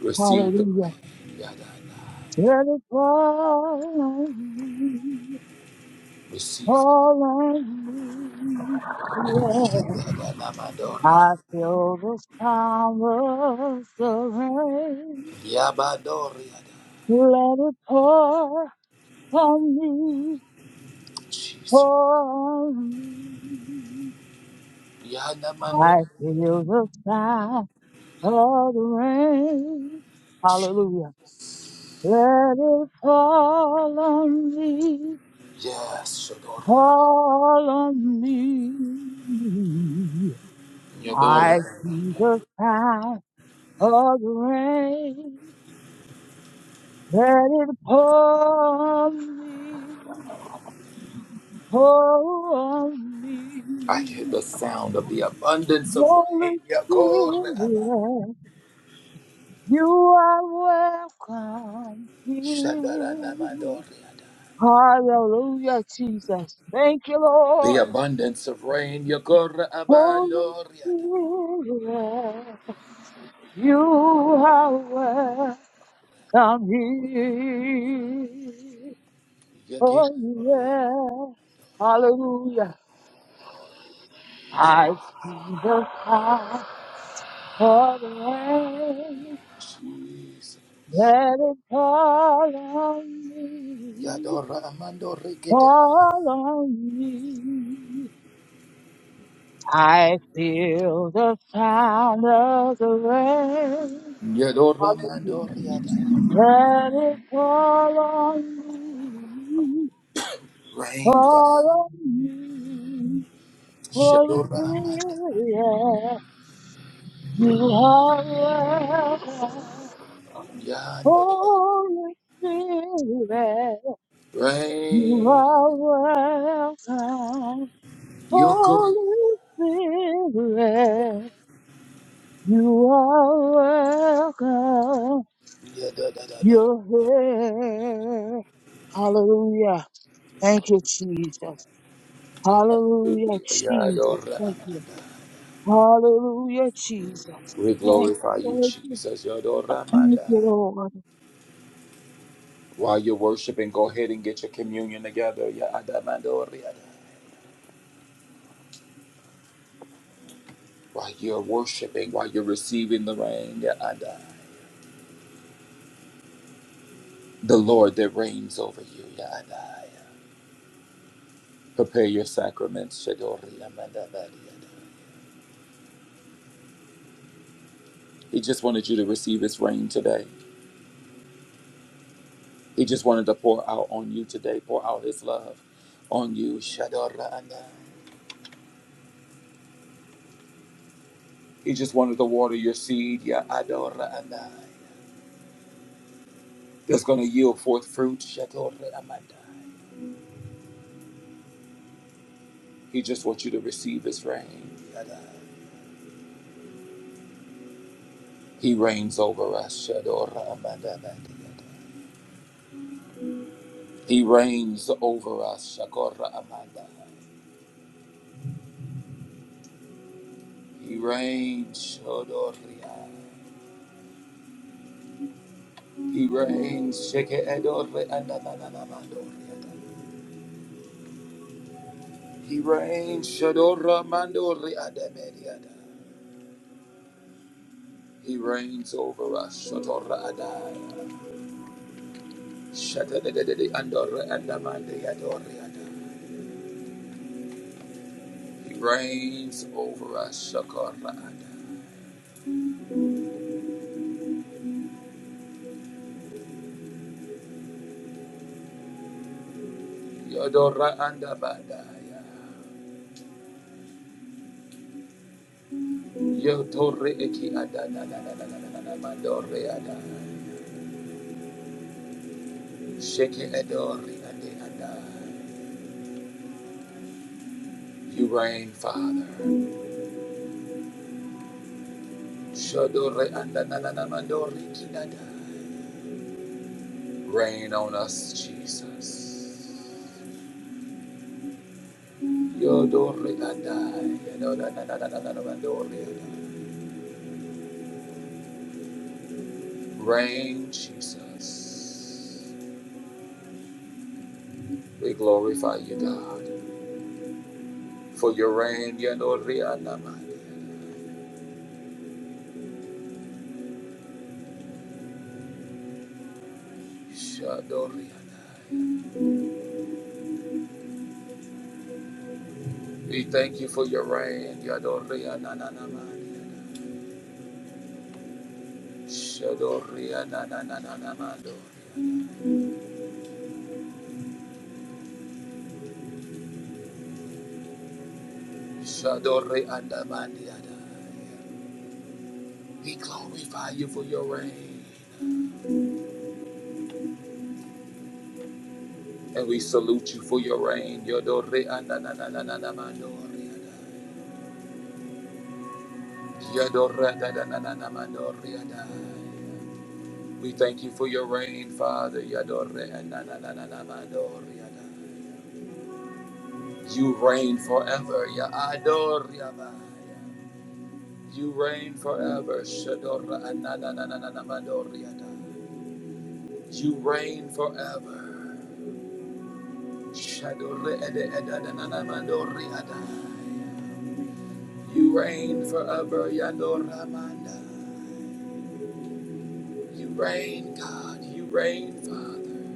Receive the
Hallelujah.
rain. Yadana.
Let it fall. on me.
Receive it.
All I need, yeah.
Yadada Namadori.
I feel this power the rain.
Yabadori. Yadana.
Let it pour on me,
Jesus.
pour on me.
Yadana, Yadamandori.
I feel the sound of the rain. Hallelujah. Let it fall on me,
Yes, Yadora.
fall on me. I
Yadora.
see the sound. for the rain that it pour on me, pour on me.
I hear the sound of the abundance of
Holy
rain. Yakora. Abba.
Spirit, you are welcome
Shadada
here.
Namadori.
Hallelujah, Jesus. Thank you,
The
Lord.
abundance of rain. Yakora
Holy
Abandori. Yada.
Spirit, you are welcome
Yakora.
here. Oh
Yakiadori.
yeah, hallelujah. I see the power of the rain
Jesus.
that is fall on me,
Yadora Amandori. Get it.
fall on me. I feel the sound of the rain
Yadora Mandoriada.
that is fall on me,
Rain, God.
fall on me. Holy
Shadora Manda.
Spirit. yeah. You are welcome,
Yadora.
Holy Spirit. You
Rain.
are welcome,
Yokori.
Holy Spirit. You are welcome.
Yadadadada.
You're here. Hallelujah. Thank you, Jesus. Hallelujah,
Hallelujah.
Jesus.
Yadora
Thank you.
Amanda.
Hallelujah, Jesus.
We
Thank you,
glorify you,
thank you,
Jesus. Yadora
thank you,
Manda.
Lord.
While you're worshiping, go ahead and get your communion together. Yada Mandoriada. While you're worshiping, while you're receiving the rain, Yada. The Lord that reigns over you, Yada. Prepare your sacraments, Shadori Amanda Maria. He just wanted you to receive His rain today. He just wanted to pour out on you today, pour out His love on you. Shadora'anai. He just wanted to water your seed, ya Adora'anai, that's going to yield forth fruit. Shadora'amandai. He just wants you to receive His rain. Yadai. He reigns over us. Shadora'amandamandiyadai. He reigns over us. Shakora'amandai. He reigns. Shadora'amandai. He reigns. Sheke edore andabababandoriada. He reigns. Shadora mandori adamediada. He reigns over us. Shatora adai. Shatadadadadi andore andamandiadoriada. He reigns over us. Shakora adai. Yodora andabadaya. Yotore eki adanadadadadadadamandoriada. Sheke edori andi adai. You reign, Father. Shodore andananamandori kinada. Rain on us, Jesus. Yodore andai, yodonanananamandori andai. Rain, Jesus. We glorify you, God, for your rain. yodore anamandi. Shodore andai. We thank you for your rain. yodore anananamandi. Shodore ananananamandori. Shodore andamandi andai. We glorify you for your reign. And we salute you for your reign. Yodore ananananana mandore. Yodore anananana mandore. We thank you for your reign, Father. Yodore anananana mandore. You reign forever. Yadore abaya. You reign forever. Shadora ananananana You reign forever. Shadore ede edananana mandore. You reign forever, Yador Ramanda. You reign, God. You reign, Father.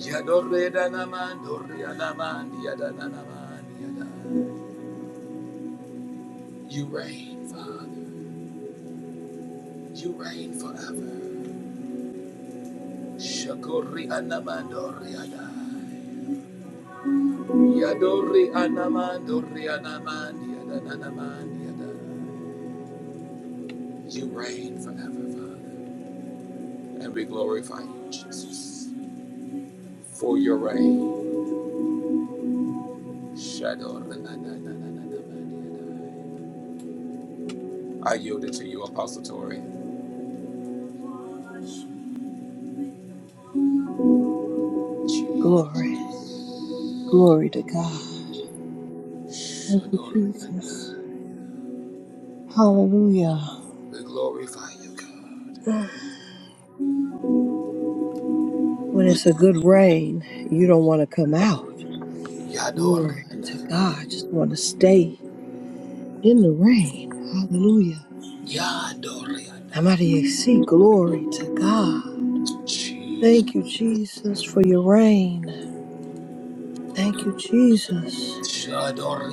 Yador Redanaman, Dorianaman, Yadananaman, Yadan. You reign, Father. You reign forever. Shakori Anaman, Doriadan. Yadori Anaman, Dorianaman, Yadananaman, Yadan. You reign forever, Father. And we glorify you, Jesus, for your reign. Shador. I yield it to you, Apostle Tori.
Glory, glory to God. Thank you,
Shador.
Jesus. Hallelujah.
We glorify you, God.
When it's a good rain, you don't want to come out. Glory to
Yador.
God. Just want to stay in the rain. Hallelujah.
Yador.
Namaste. See, glory to God. Thank you, Jesus, for your rain. Thank you, Jesus.
Shador.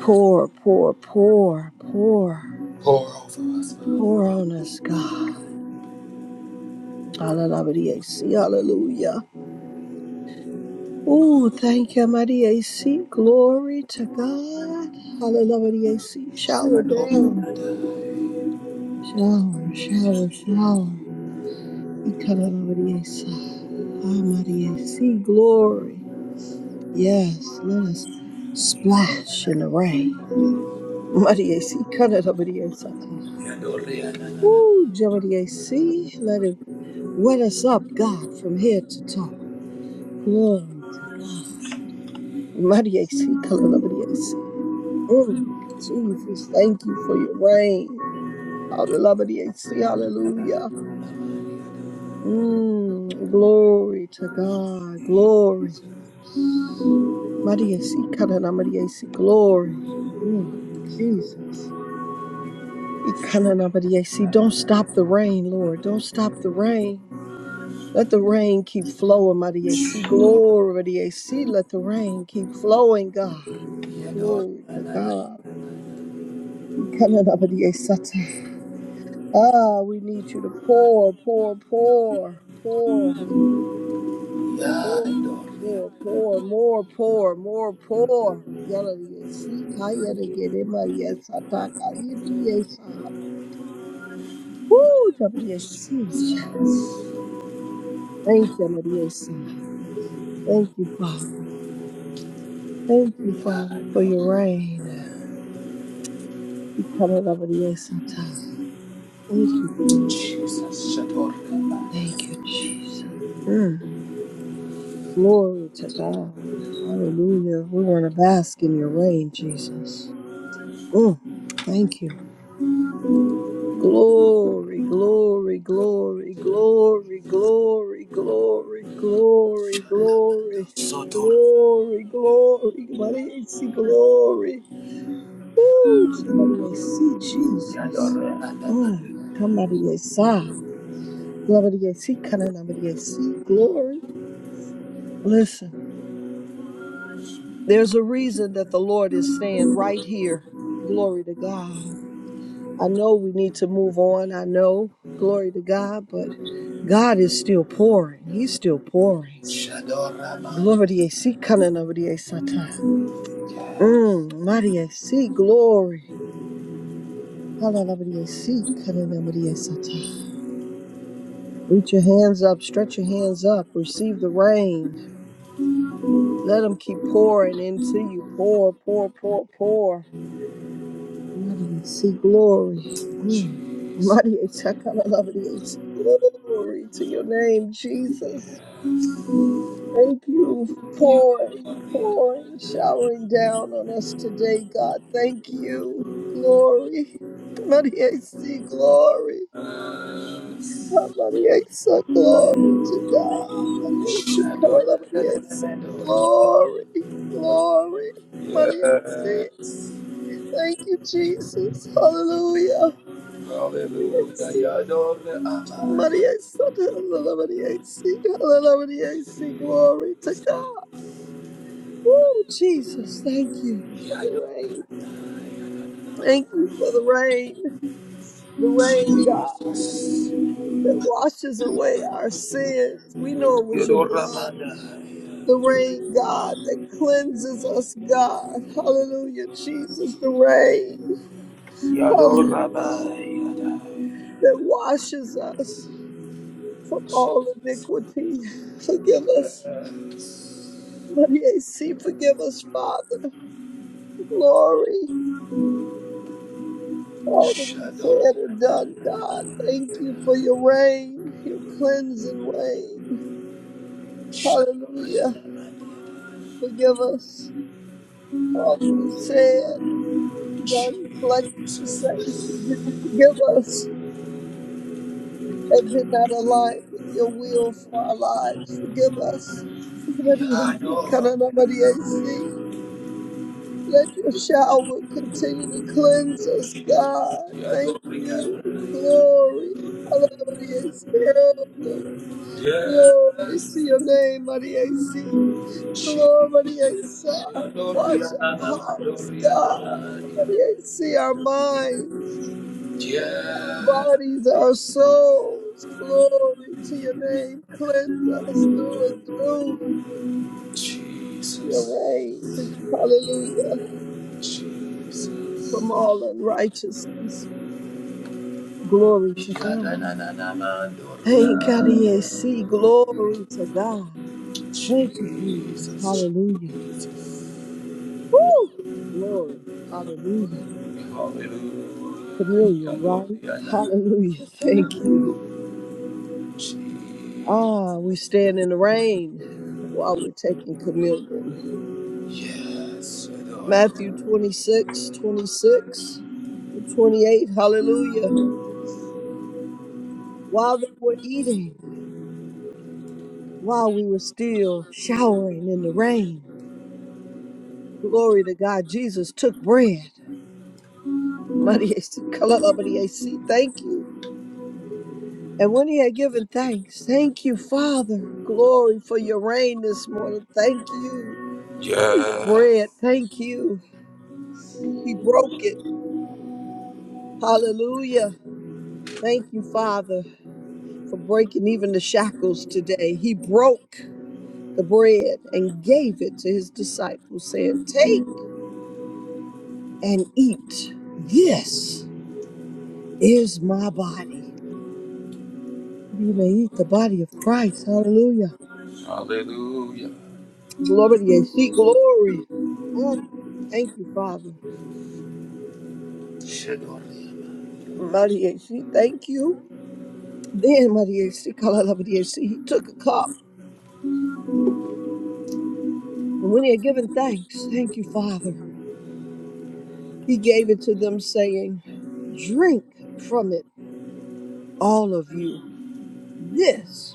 Pour, pour, pour, pour,
Pour over us, Father.
pour on us, God. Hallelujah. See, hallelujah. Oh, thank you, Maria. See, glory to God. Hallelujah. See, shower
Shador.
down.
Yador.
Shower, shower, shower. Hallelujah. Ah, Maria. See, glory. Yes, let us splash in the rain. Mariesi, si kanada
Yador.
Ooh, Jamadia si, let it wet us up, God, from head to toe. Glory to God. Mariesi, si kanada Maria si. Mm, Jesus, thank you for your rain. Hallelujah, Maria si, hallelujah. Mm, glory to God, glory. Mariesi, si kanada si, glory. Mm, Jesus. Ikananabadiasi. Don't stop the rain, Lord. Don't stop the rain. Let the rain keep flowing, Madiasi. Glory, Madiasi. Let the rain keep flowing, God.
Yador.
Glory to God. Ikananabadiasata. Ah, we need you to pour, pour, pour, pour, pour, pour, pour, more, pour, more, pour. Yaladiasi. Kayadagede, Madiasata. Kayadiasa. Woo, Madiasi. Thank you, Madiasa. Thank you, Father. Thank you, Father, for
Yador.
your rain. Ikarabadiasata. Thank you, Father.
Jesus,
Thank you,
Shatori,
Jesus. Mm. Glory to God. Hallelujah. We want to bask in your rain, Jesus. Mm. Thank you. Glory, glory, glory, glory, glory, glory, glory, glory,
Shandamando,
glory,
Sotori,
glory. Glory, glory. Woo! Somebody see Jesus.
Yadore,
Mm.
Adamando,
Somebody saw. Somebody see. Glory. Listen, there's a reason that the Lord is saying right here, glory to God. I know we need to move on. I know, glory to God, but God is still pouring. He's still pouring.
Shadoraman,
Glory to see. Somebody Satan.
yes,
Mmm. Maria Glory. Hallelujah. See. Somebody Satan. Reach your hands up, stretch your hands up, receive the rain. Let them keep pouring into you. Pour, pour, pour, pour. Mighty see glory. Mm.
Jesus,
Mighty see glory to your name, Jesus. Thank you for pouring,
Yadore,
pouring, showering down on us today, God. Thank you. Glory. Mighty see glory.
yes,
Mariesa, glory to God. Mariesi,
Shadore,
Kalala Mariesa.
Adamando,
Glory, glory. Mariesi,
yes,
thank you, Jesus. Hallelujah.
Hallelujah,
Mariesi,
Yadore, Amai,
Mariesa, Kalala Mariesi. Kalala Mariesi, glory to God. Oh, Jesus, thank you for
Yadore,
the rain. Thank you for the rain. The rain, God,
Jesus,
that washes away our sins. We know it was your blood
Yadoramanda,
the rain, God, that cleanses us, God. Hallelujah, Jesus, the rain. Hallelujah,
Yadorabai,
that washes us from all iniquity. Forgive us. Maria C, forgive us, Father. Glory. All that we've
Shadow.
said or done, God. Thank you for your rain, your cleansing rain. Hallelujah. Forgive us. for All that we've said, done, neglected to say,
Jesus.
do forgive us. and did not align with your will for our lives. Forgive us. Forgive us.
Yeah,
Kanana Maria C. Let your shower continue to cleanse us, God. Thank
Yadorica.
you. Glory. Hallelujah, Maria C. Hallelujah. Glory to
Yes.
your name, Maria C. Glory, Maria Isa. Wash
Yadoriana.
our hearts, God.
Yadoriana.
Maria C. Our minds.
Yes.
bodies, our souls. Glory to your name. Cleanse us through and through
Jesus.
your reign. Hallelujah. From
Jesus.
all unrighteousness. Glory to God.
Yadananana. Doria.
Thank God. EAC. Glory to God. Thank you, Jesus.
Jesus.
Hallelujah.
Jesus.
Woo! Glory. Hallelujah.
Hallelujah,
Communion,
Lord,
right?
we are not
Hallelujah. Thank you.
ashamed.
Ah, we stand in the rain while we're taking communion.
Yes, Lord.
Matthew 26, twenty-six, and 28. Hallelujah. While they were eating, while we were still showering in the rain, glory to God, Jesus took bread. Mariesi, kalala mariesi, Thank you. And when he had given thanks, thank you, Father. Glory for your rain this morning. Thank you for your
Yes,
bread. Thank you. He broke it. Hallelujah. Thank you, Father, for breaking even the shackles today. He broke. the bread and gave it to his disciples, saying, Take and eat. This is my body. That Ye may eat the body of Christ. Hallelujah.
hallelujah.
Glory to you. See glory. Mm. Thank you, Father.
Shador.
Mighty AC, thank you. Then Mighty AC, Kalalabadi AC, he took a cup. And when he had given thanks, thank you, Father, he gave it to them, saying, Drink from it, all of you. This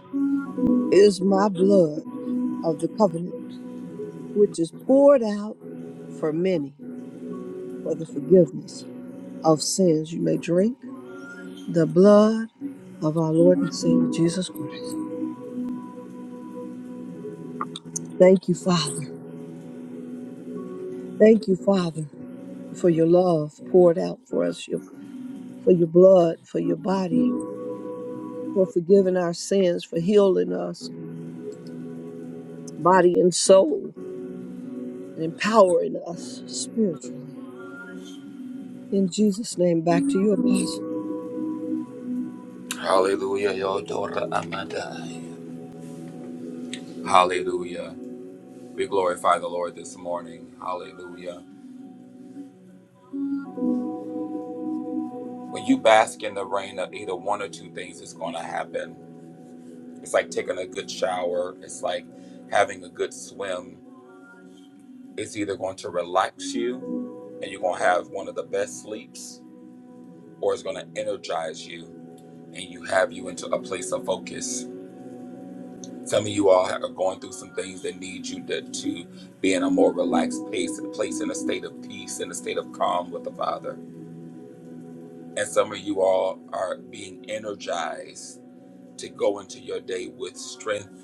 is my blood of the covenant, which is poured out for many for the forgiveness of sins. You may drink the blood of our Lord and Savior Jesus Christ. Thank you, Father. Thank you, Father, for your love poured out for us, your, for your blood, for your body, for forgiving our sins, for healing us, body and soul, and empowering us spiritually. In Jesus' name, back to you, Apostle.
Hallelujah, Yodora Amadai. Hallelujah. We glorify the Lord this morning. Hallelujah. When you bask in the rain of either one or two things is going to happen. It's like taking a good shower, it's like having a good swim. It's either going to relax you and you're going to have one of the best sleeps or it's going to energize you and you have you into a place of focus. Some of you all are going through some things that need you to, to be in a more relaxed pace, place in a state of peace, in a state of calm with the Father. And some of you all are being energized to go into your day with strength,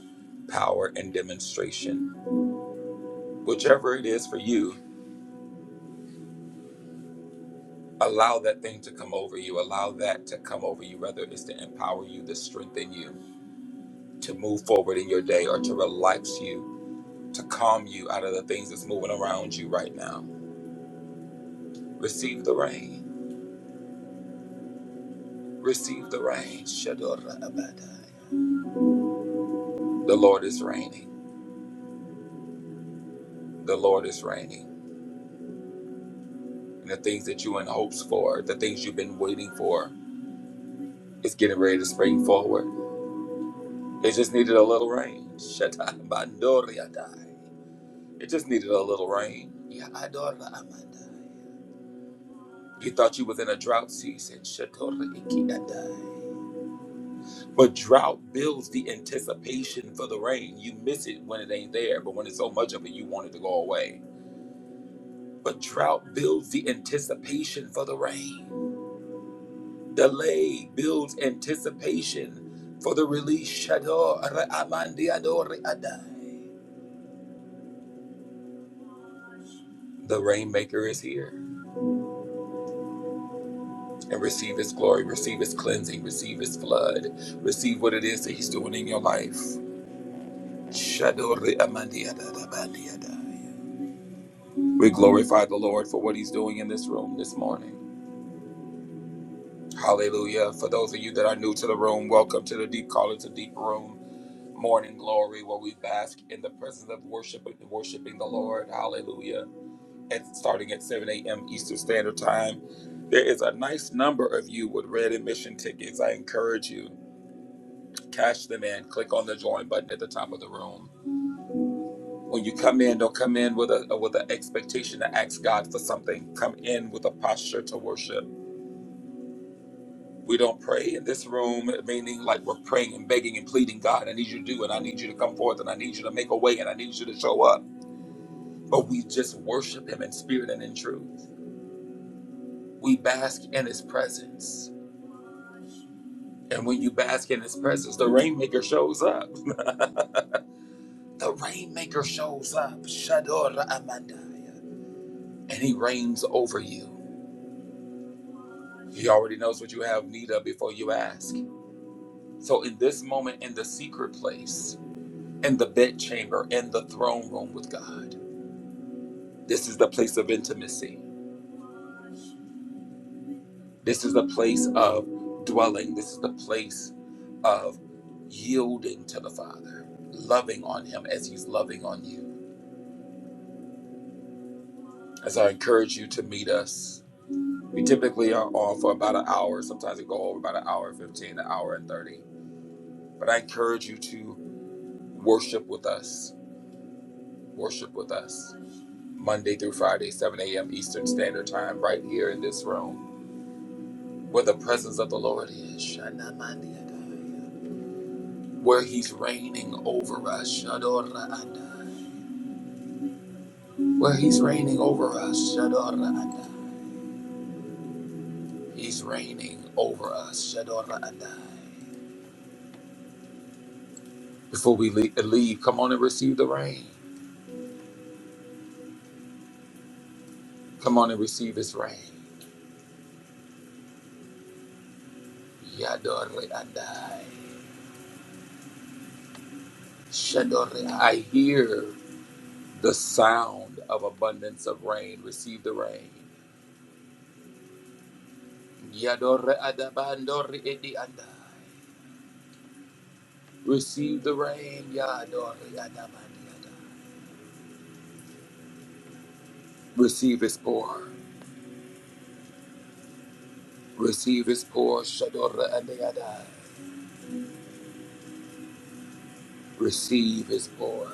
power, and demonstration. Whichever it is for you, allow that thing to come over you. Allow that to come over you, whether it's to empower you, to strengthen you, to move forward in your day, or to relax you to calm you out of the things that's moving around you right now. Receive the rain. Receive the rain. Shadora Abadai. The Lord is reigning. The Lord is reigning. And the things that you in hopes for, the things you've been waiting for, it's getting ready to spring forward. It just needed a little rain. Shatai Bandori Adai. It just needed a little rain. Ya Adora Amandai. You thought you was in a drought season. Shadora Iki Adai. But drought builds the anticipation for the rain. You miss it when it ain't there, but when it's so much of it, you want it to go away. But drought builds the anticipation for the rain. Delay builds anticipation for the release. Shador Amandiador Adai. The rainmaker is here. And receive his glory, receive his cleansing, receive his flood, receive what it is that he's doing in your life. Shador Amandiador Abandiadai. We glorify the Lord for what He's doing in this room this morning. Hallelujah. For those of you that are new to the room, welcome to the Deep Call to Deep Room Morning Glory, where we bask in the presence of worship and worshiping the Lord. Hallelujah. And starting at 7 a.m. Eastern Standard Time, there is a nice number of you with red admission tickets. I encourage you, cash them in. Click on the join button at the top of the room. When you come in, don't come in with a with an expectation to ask God for something. Come in with a posture to worship We don't pray in this room, meaning like we're praying and begging and pleading, God, I need you to do it. I need you to come forth and I need you to make a way and I need you to show up. But we just worship Him in spirit and in truth. We bask in His presence. And when you bask in His presence, the Rainmaker shows up. the Rainmaker shows up. Shador Amandaya. And He reigns over you. He already knows what you have need of before you ask. So in this moment, in the secret place, in the bedchamber, in the throne room with God, This is the place of intimacy. This is the place of dwelling. This is the place of yielding to the Father, loving on Him as He's loving on you. As I encourage you to meet us, we typically are on for about an hour. Sometimes we go over about an hour and 15, an hour and 30. But I encourage you to worship with us. Worship with us. Monday through Friday, 7 a.m. Eastern Standard Time, right here in this room, where the presence of the Lord is. where he's reigning over us. Shadora Adai. Where he's reigning over us. Shadora Adai. He's reigning over us. Shadora Adai. Before we le- leave, come on and receive the rain. Come on and receive his rain. Yadore Adai. Shadore. I hear the sound of abundance of rain. Receive the rain. Yadore Adabandore Edi Adai. Receive the rain. Yadore Adabandore Receive his pour. Receive his pour. Shadora Adayada. Receive his pour.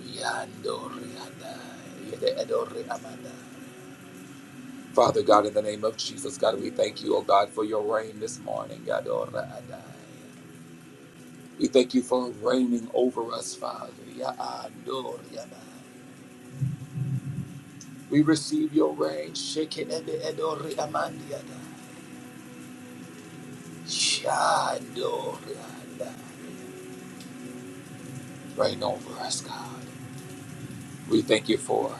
Yandori Adai. Yede Edori amanda. Father God, in the name of Jesus, God, we thank you, oh God, for your rain this morning. Yadora Adai. We thank you for reigning over us, Father. Yandori Adai. We receive your rain. Shake it Ede Edori Amandi Adai. Adai. Reign over us, God. We thank you for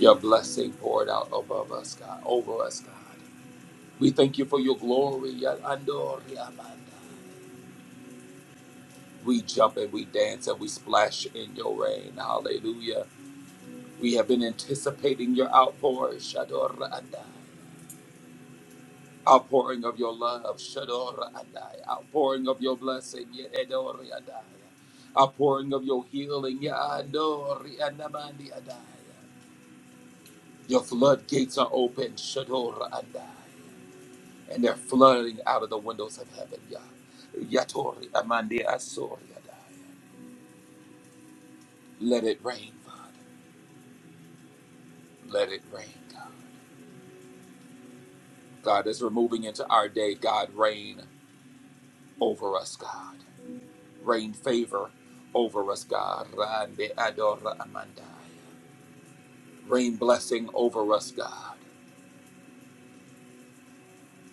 your blessing poured out above us, God, over us, God. We thank you for your glory, your andor, amanda. We jump and we dance and we splash in your rain. Hallelujah. We have been anticipating your outpour, Shador Andai. Outpouring of your love, Shador Andai. Outpouring of your blessing, Yedor Andai. Outpouring of your healing, Yador Andamandi Andai. Your floodgates are open, Shador Andai. and they're flooding out of the windows of heaven, Yah. Yatori Amandi Asoriada. Let it rain. Father. Let it rain. God God is removing into our day. God, rain over us, God. Rain favor over us, God. Rande Adora Amandai. Rain blessing over us, God.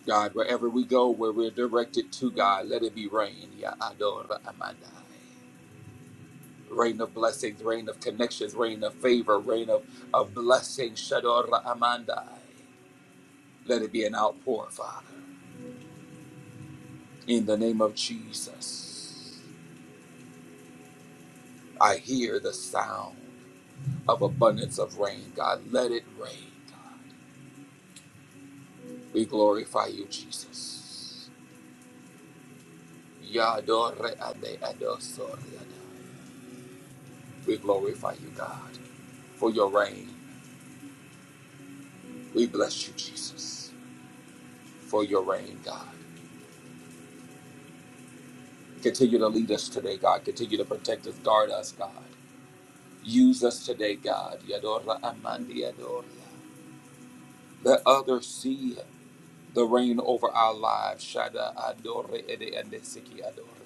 God, wherever we go, where we're directed to God, let it be rain. Ya Adora Amandai. Reign of blessings, reign of connections, reign of favor, reign of, of blessings. Shador Amandai. Let it be an outpour, Father. In the name of Jesus, I hear the sound of abundance of rain, God. Let it rain, God. We glorify you, Jesus. Yadore ade adosore ada. We glorify you, God, for your reign. We bless you, Jesus, for your reign, God. Continue to lead us today, God. Continue to protect us, guard us, God. Use us today, God. Yadora Amandi Adoria. Let others see the reign over our lives. Shada Adore Ede Ende Siki Adore.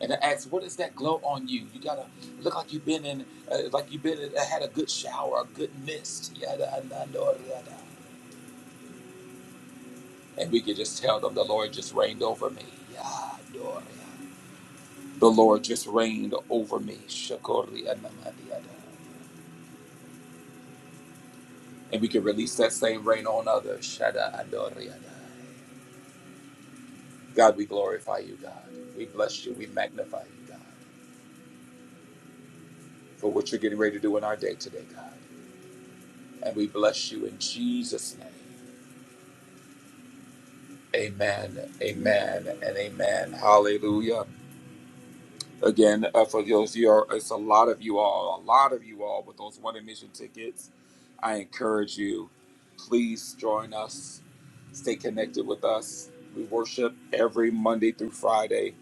And I ask, what is that glow on you? You gotta look like you've been in, uh, like you've been in, uh, had a good shower, a good mist. Yada Anda Adore Yada. And we can just tell them the Lord just reigned over me. Yadore. The Lord just reigned over me. Shakori Anamadi Adore. And we can release that same rain on others. Shada Adoriada. God, we glorify you, God. We bless you. We magnify you, God, for what you're getting ready to do in our day today, God. And we bless you in Jesus' name. Amen, amen, and amen. Hallelujah. Again, uh, for those of you are, it's a lot of you all, a lot of you all with those one admission tickets. I encourage you, please join us, stay connected with us. We worship every Monday through Friday,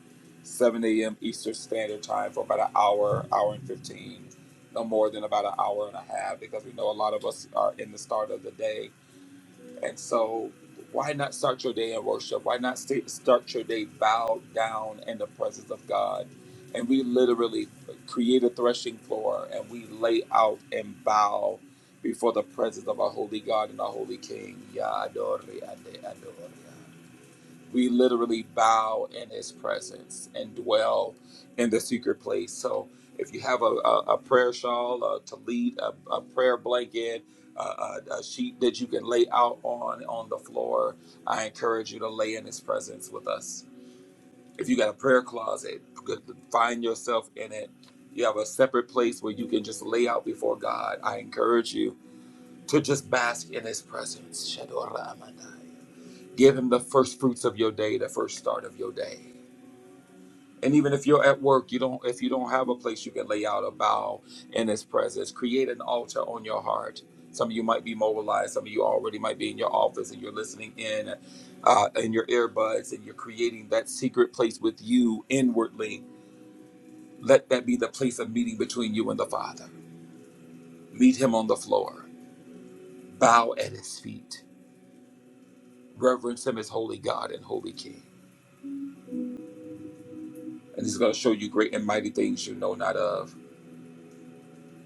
7 a.m. Eastern Standard Time for about an hour, hour and 15, no more than about an hour and a half, because we know a lot of us are in the start of the day and so, why not start your day in worship? Why not sta- start your day bowed down in the presence of God? And we literally create a threshing floor and we lay out and bow before the presence of our holy God and our holy King. Ya adore, ade adore we literally bow in his presence and dwell in the secret place. So if you have a, a, a prayer shawl, a tallit, a, a prayer blanket, a, a, a sheet that you can lay out on on the floor, I encourage you to lay in his presence with us. If you got a prayer closet, good, find yourself in it. You have a separate place where you can just lay out before God. I encourage you to just bask in his presence. Shadora Amandai. Give him the first fruits of your day, the first start of your day. And even if you're at work, you don't if you don't have a place you can lay out a bow in his presence, create an altar on your heart. Some of you might be mobilized, some of you already might be in your office and you're listening in uh, in your earbuds and you're creating that secret place with you inwardly. Let that be the place of meeting between you and the Father. Meet him on the floor, bow at his feet, reverence him as holy God and holy King. And he's going to show you great and mighty things you know not of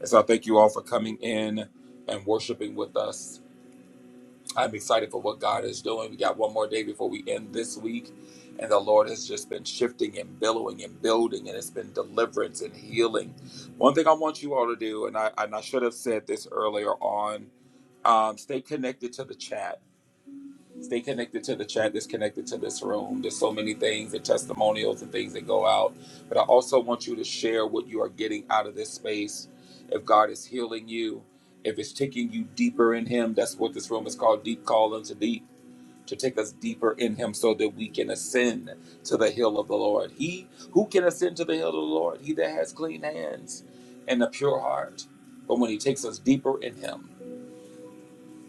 And so I thank you all for coming in and worshiping with us. I'm excited for what God is doing. We got one more day before we end this week. And the Lord has just been shifting and billowing and building, and it's been deliverance and healing. One thing I want you all to do, and I, and I should have said this earlier on, um, stay connected to the chat Stay connected to the chat that's connected to this room. There's so many things and testimonials and things that go out. But I also want you to share what you are getting out of this space. If God is healing you, if it's taking you deeper in Him, that's what this room is called Deep Call Unto Deep, to take us deeper in Him so that we can ascend to the hill of the Lord. He who can ascend to the hill of the Lord? He that has clean hands and a pure heart. But when He takes us deeper in Him,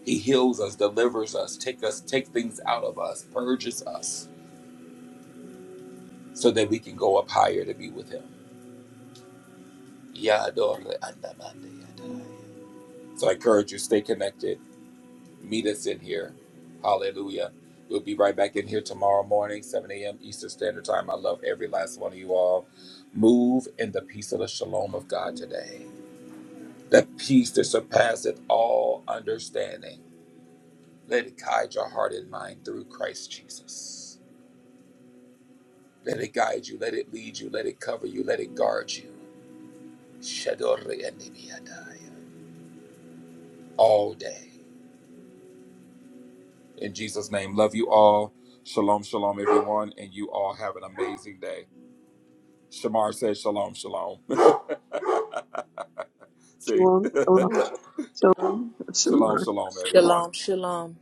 he heals us, delivers us, take us, take things out of us, purges us, so that we can go up higher to be with Him. So I encourage you, stay connected. Meet us in here. Hallelujah. We'll be right back in here tomorrow morning, 7 a.m. Eastern Standard Time. I love every last one of you all. Move in the peace of the shalom of God today. That peace that surpasseth all understanding. Let it guide your heart and mind through Christ Jesus. Let it guide you. Let it lead you. Let it cover you. Let it guard you. Shadore Enibiadai. All day. In Jesus' name, love you all. Shalom, shalom, everyone. And you all have an amazing day. Shamar says shalom, shalom. See?
Shalom. Shalom. Shalom. Shalom.
Shalom, shalom, everyone.
Shalom, shalom.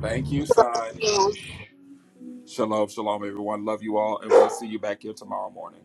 Thank you, son. Shalom, shalom, everyone. Love you all. And we'll see you back here tomorrow morning.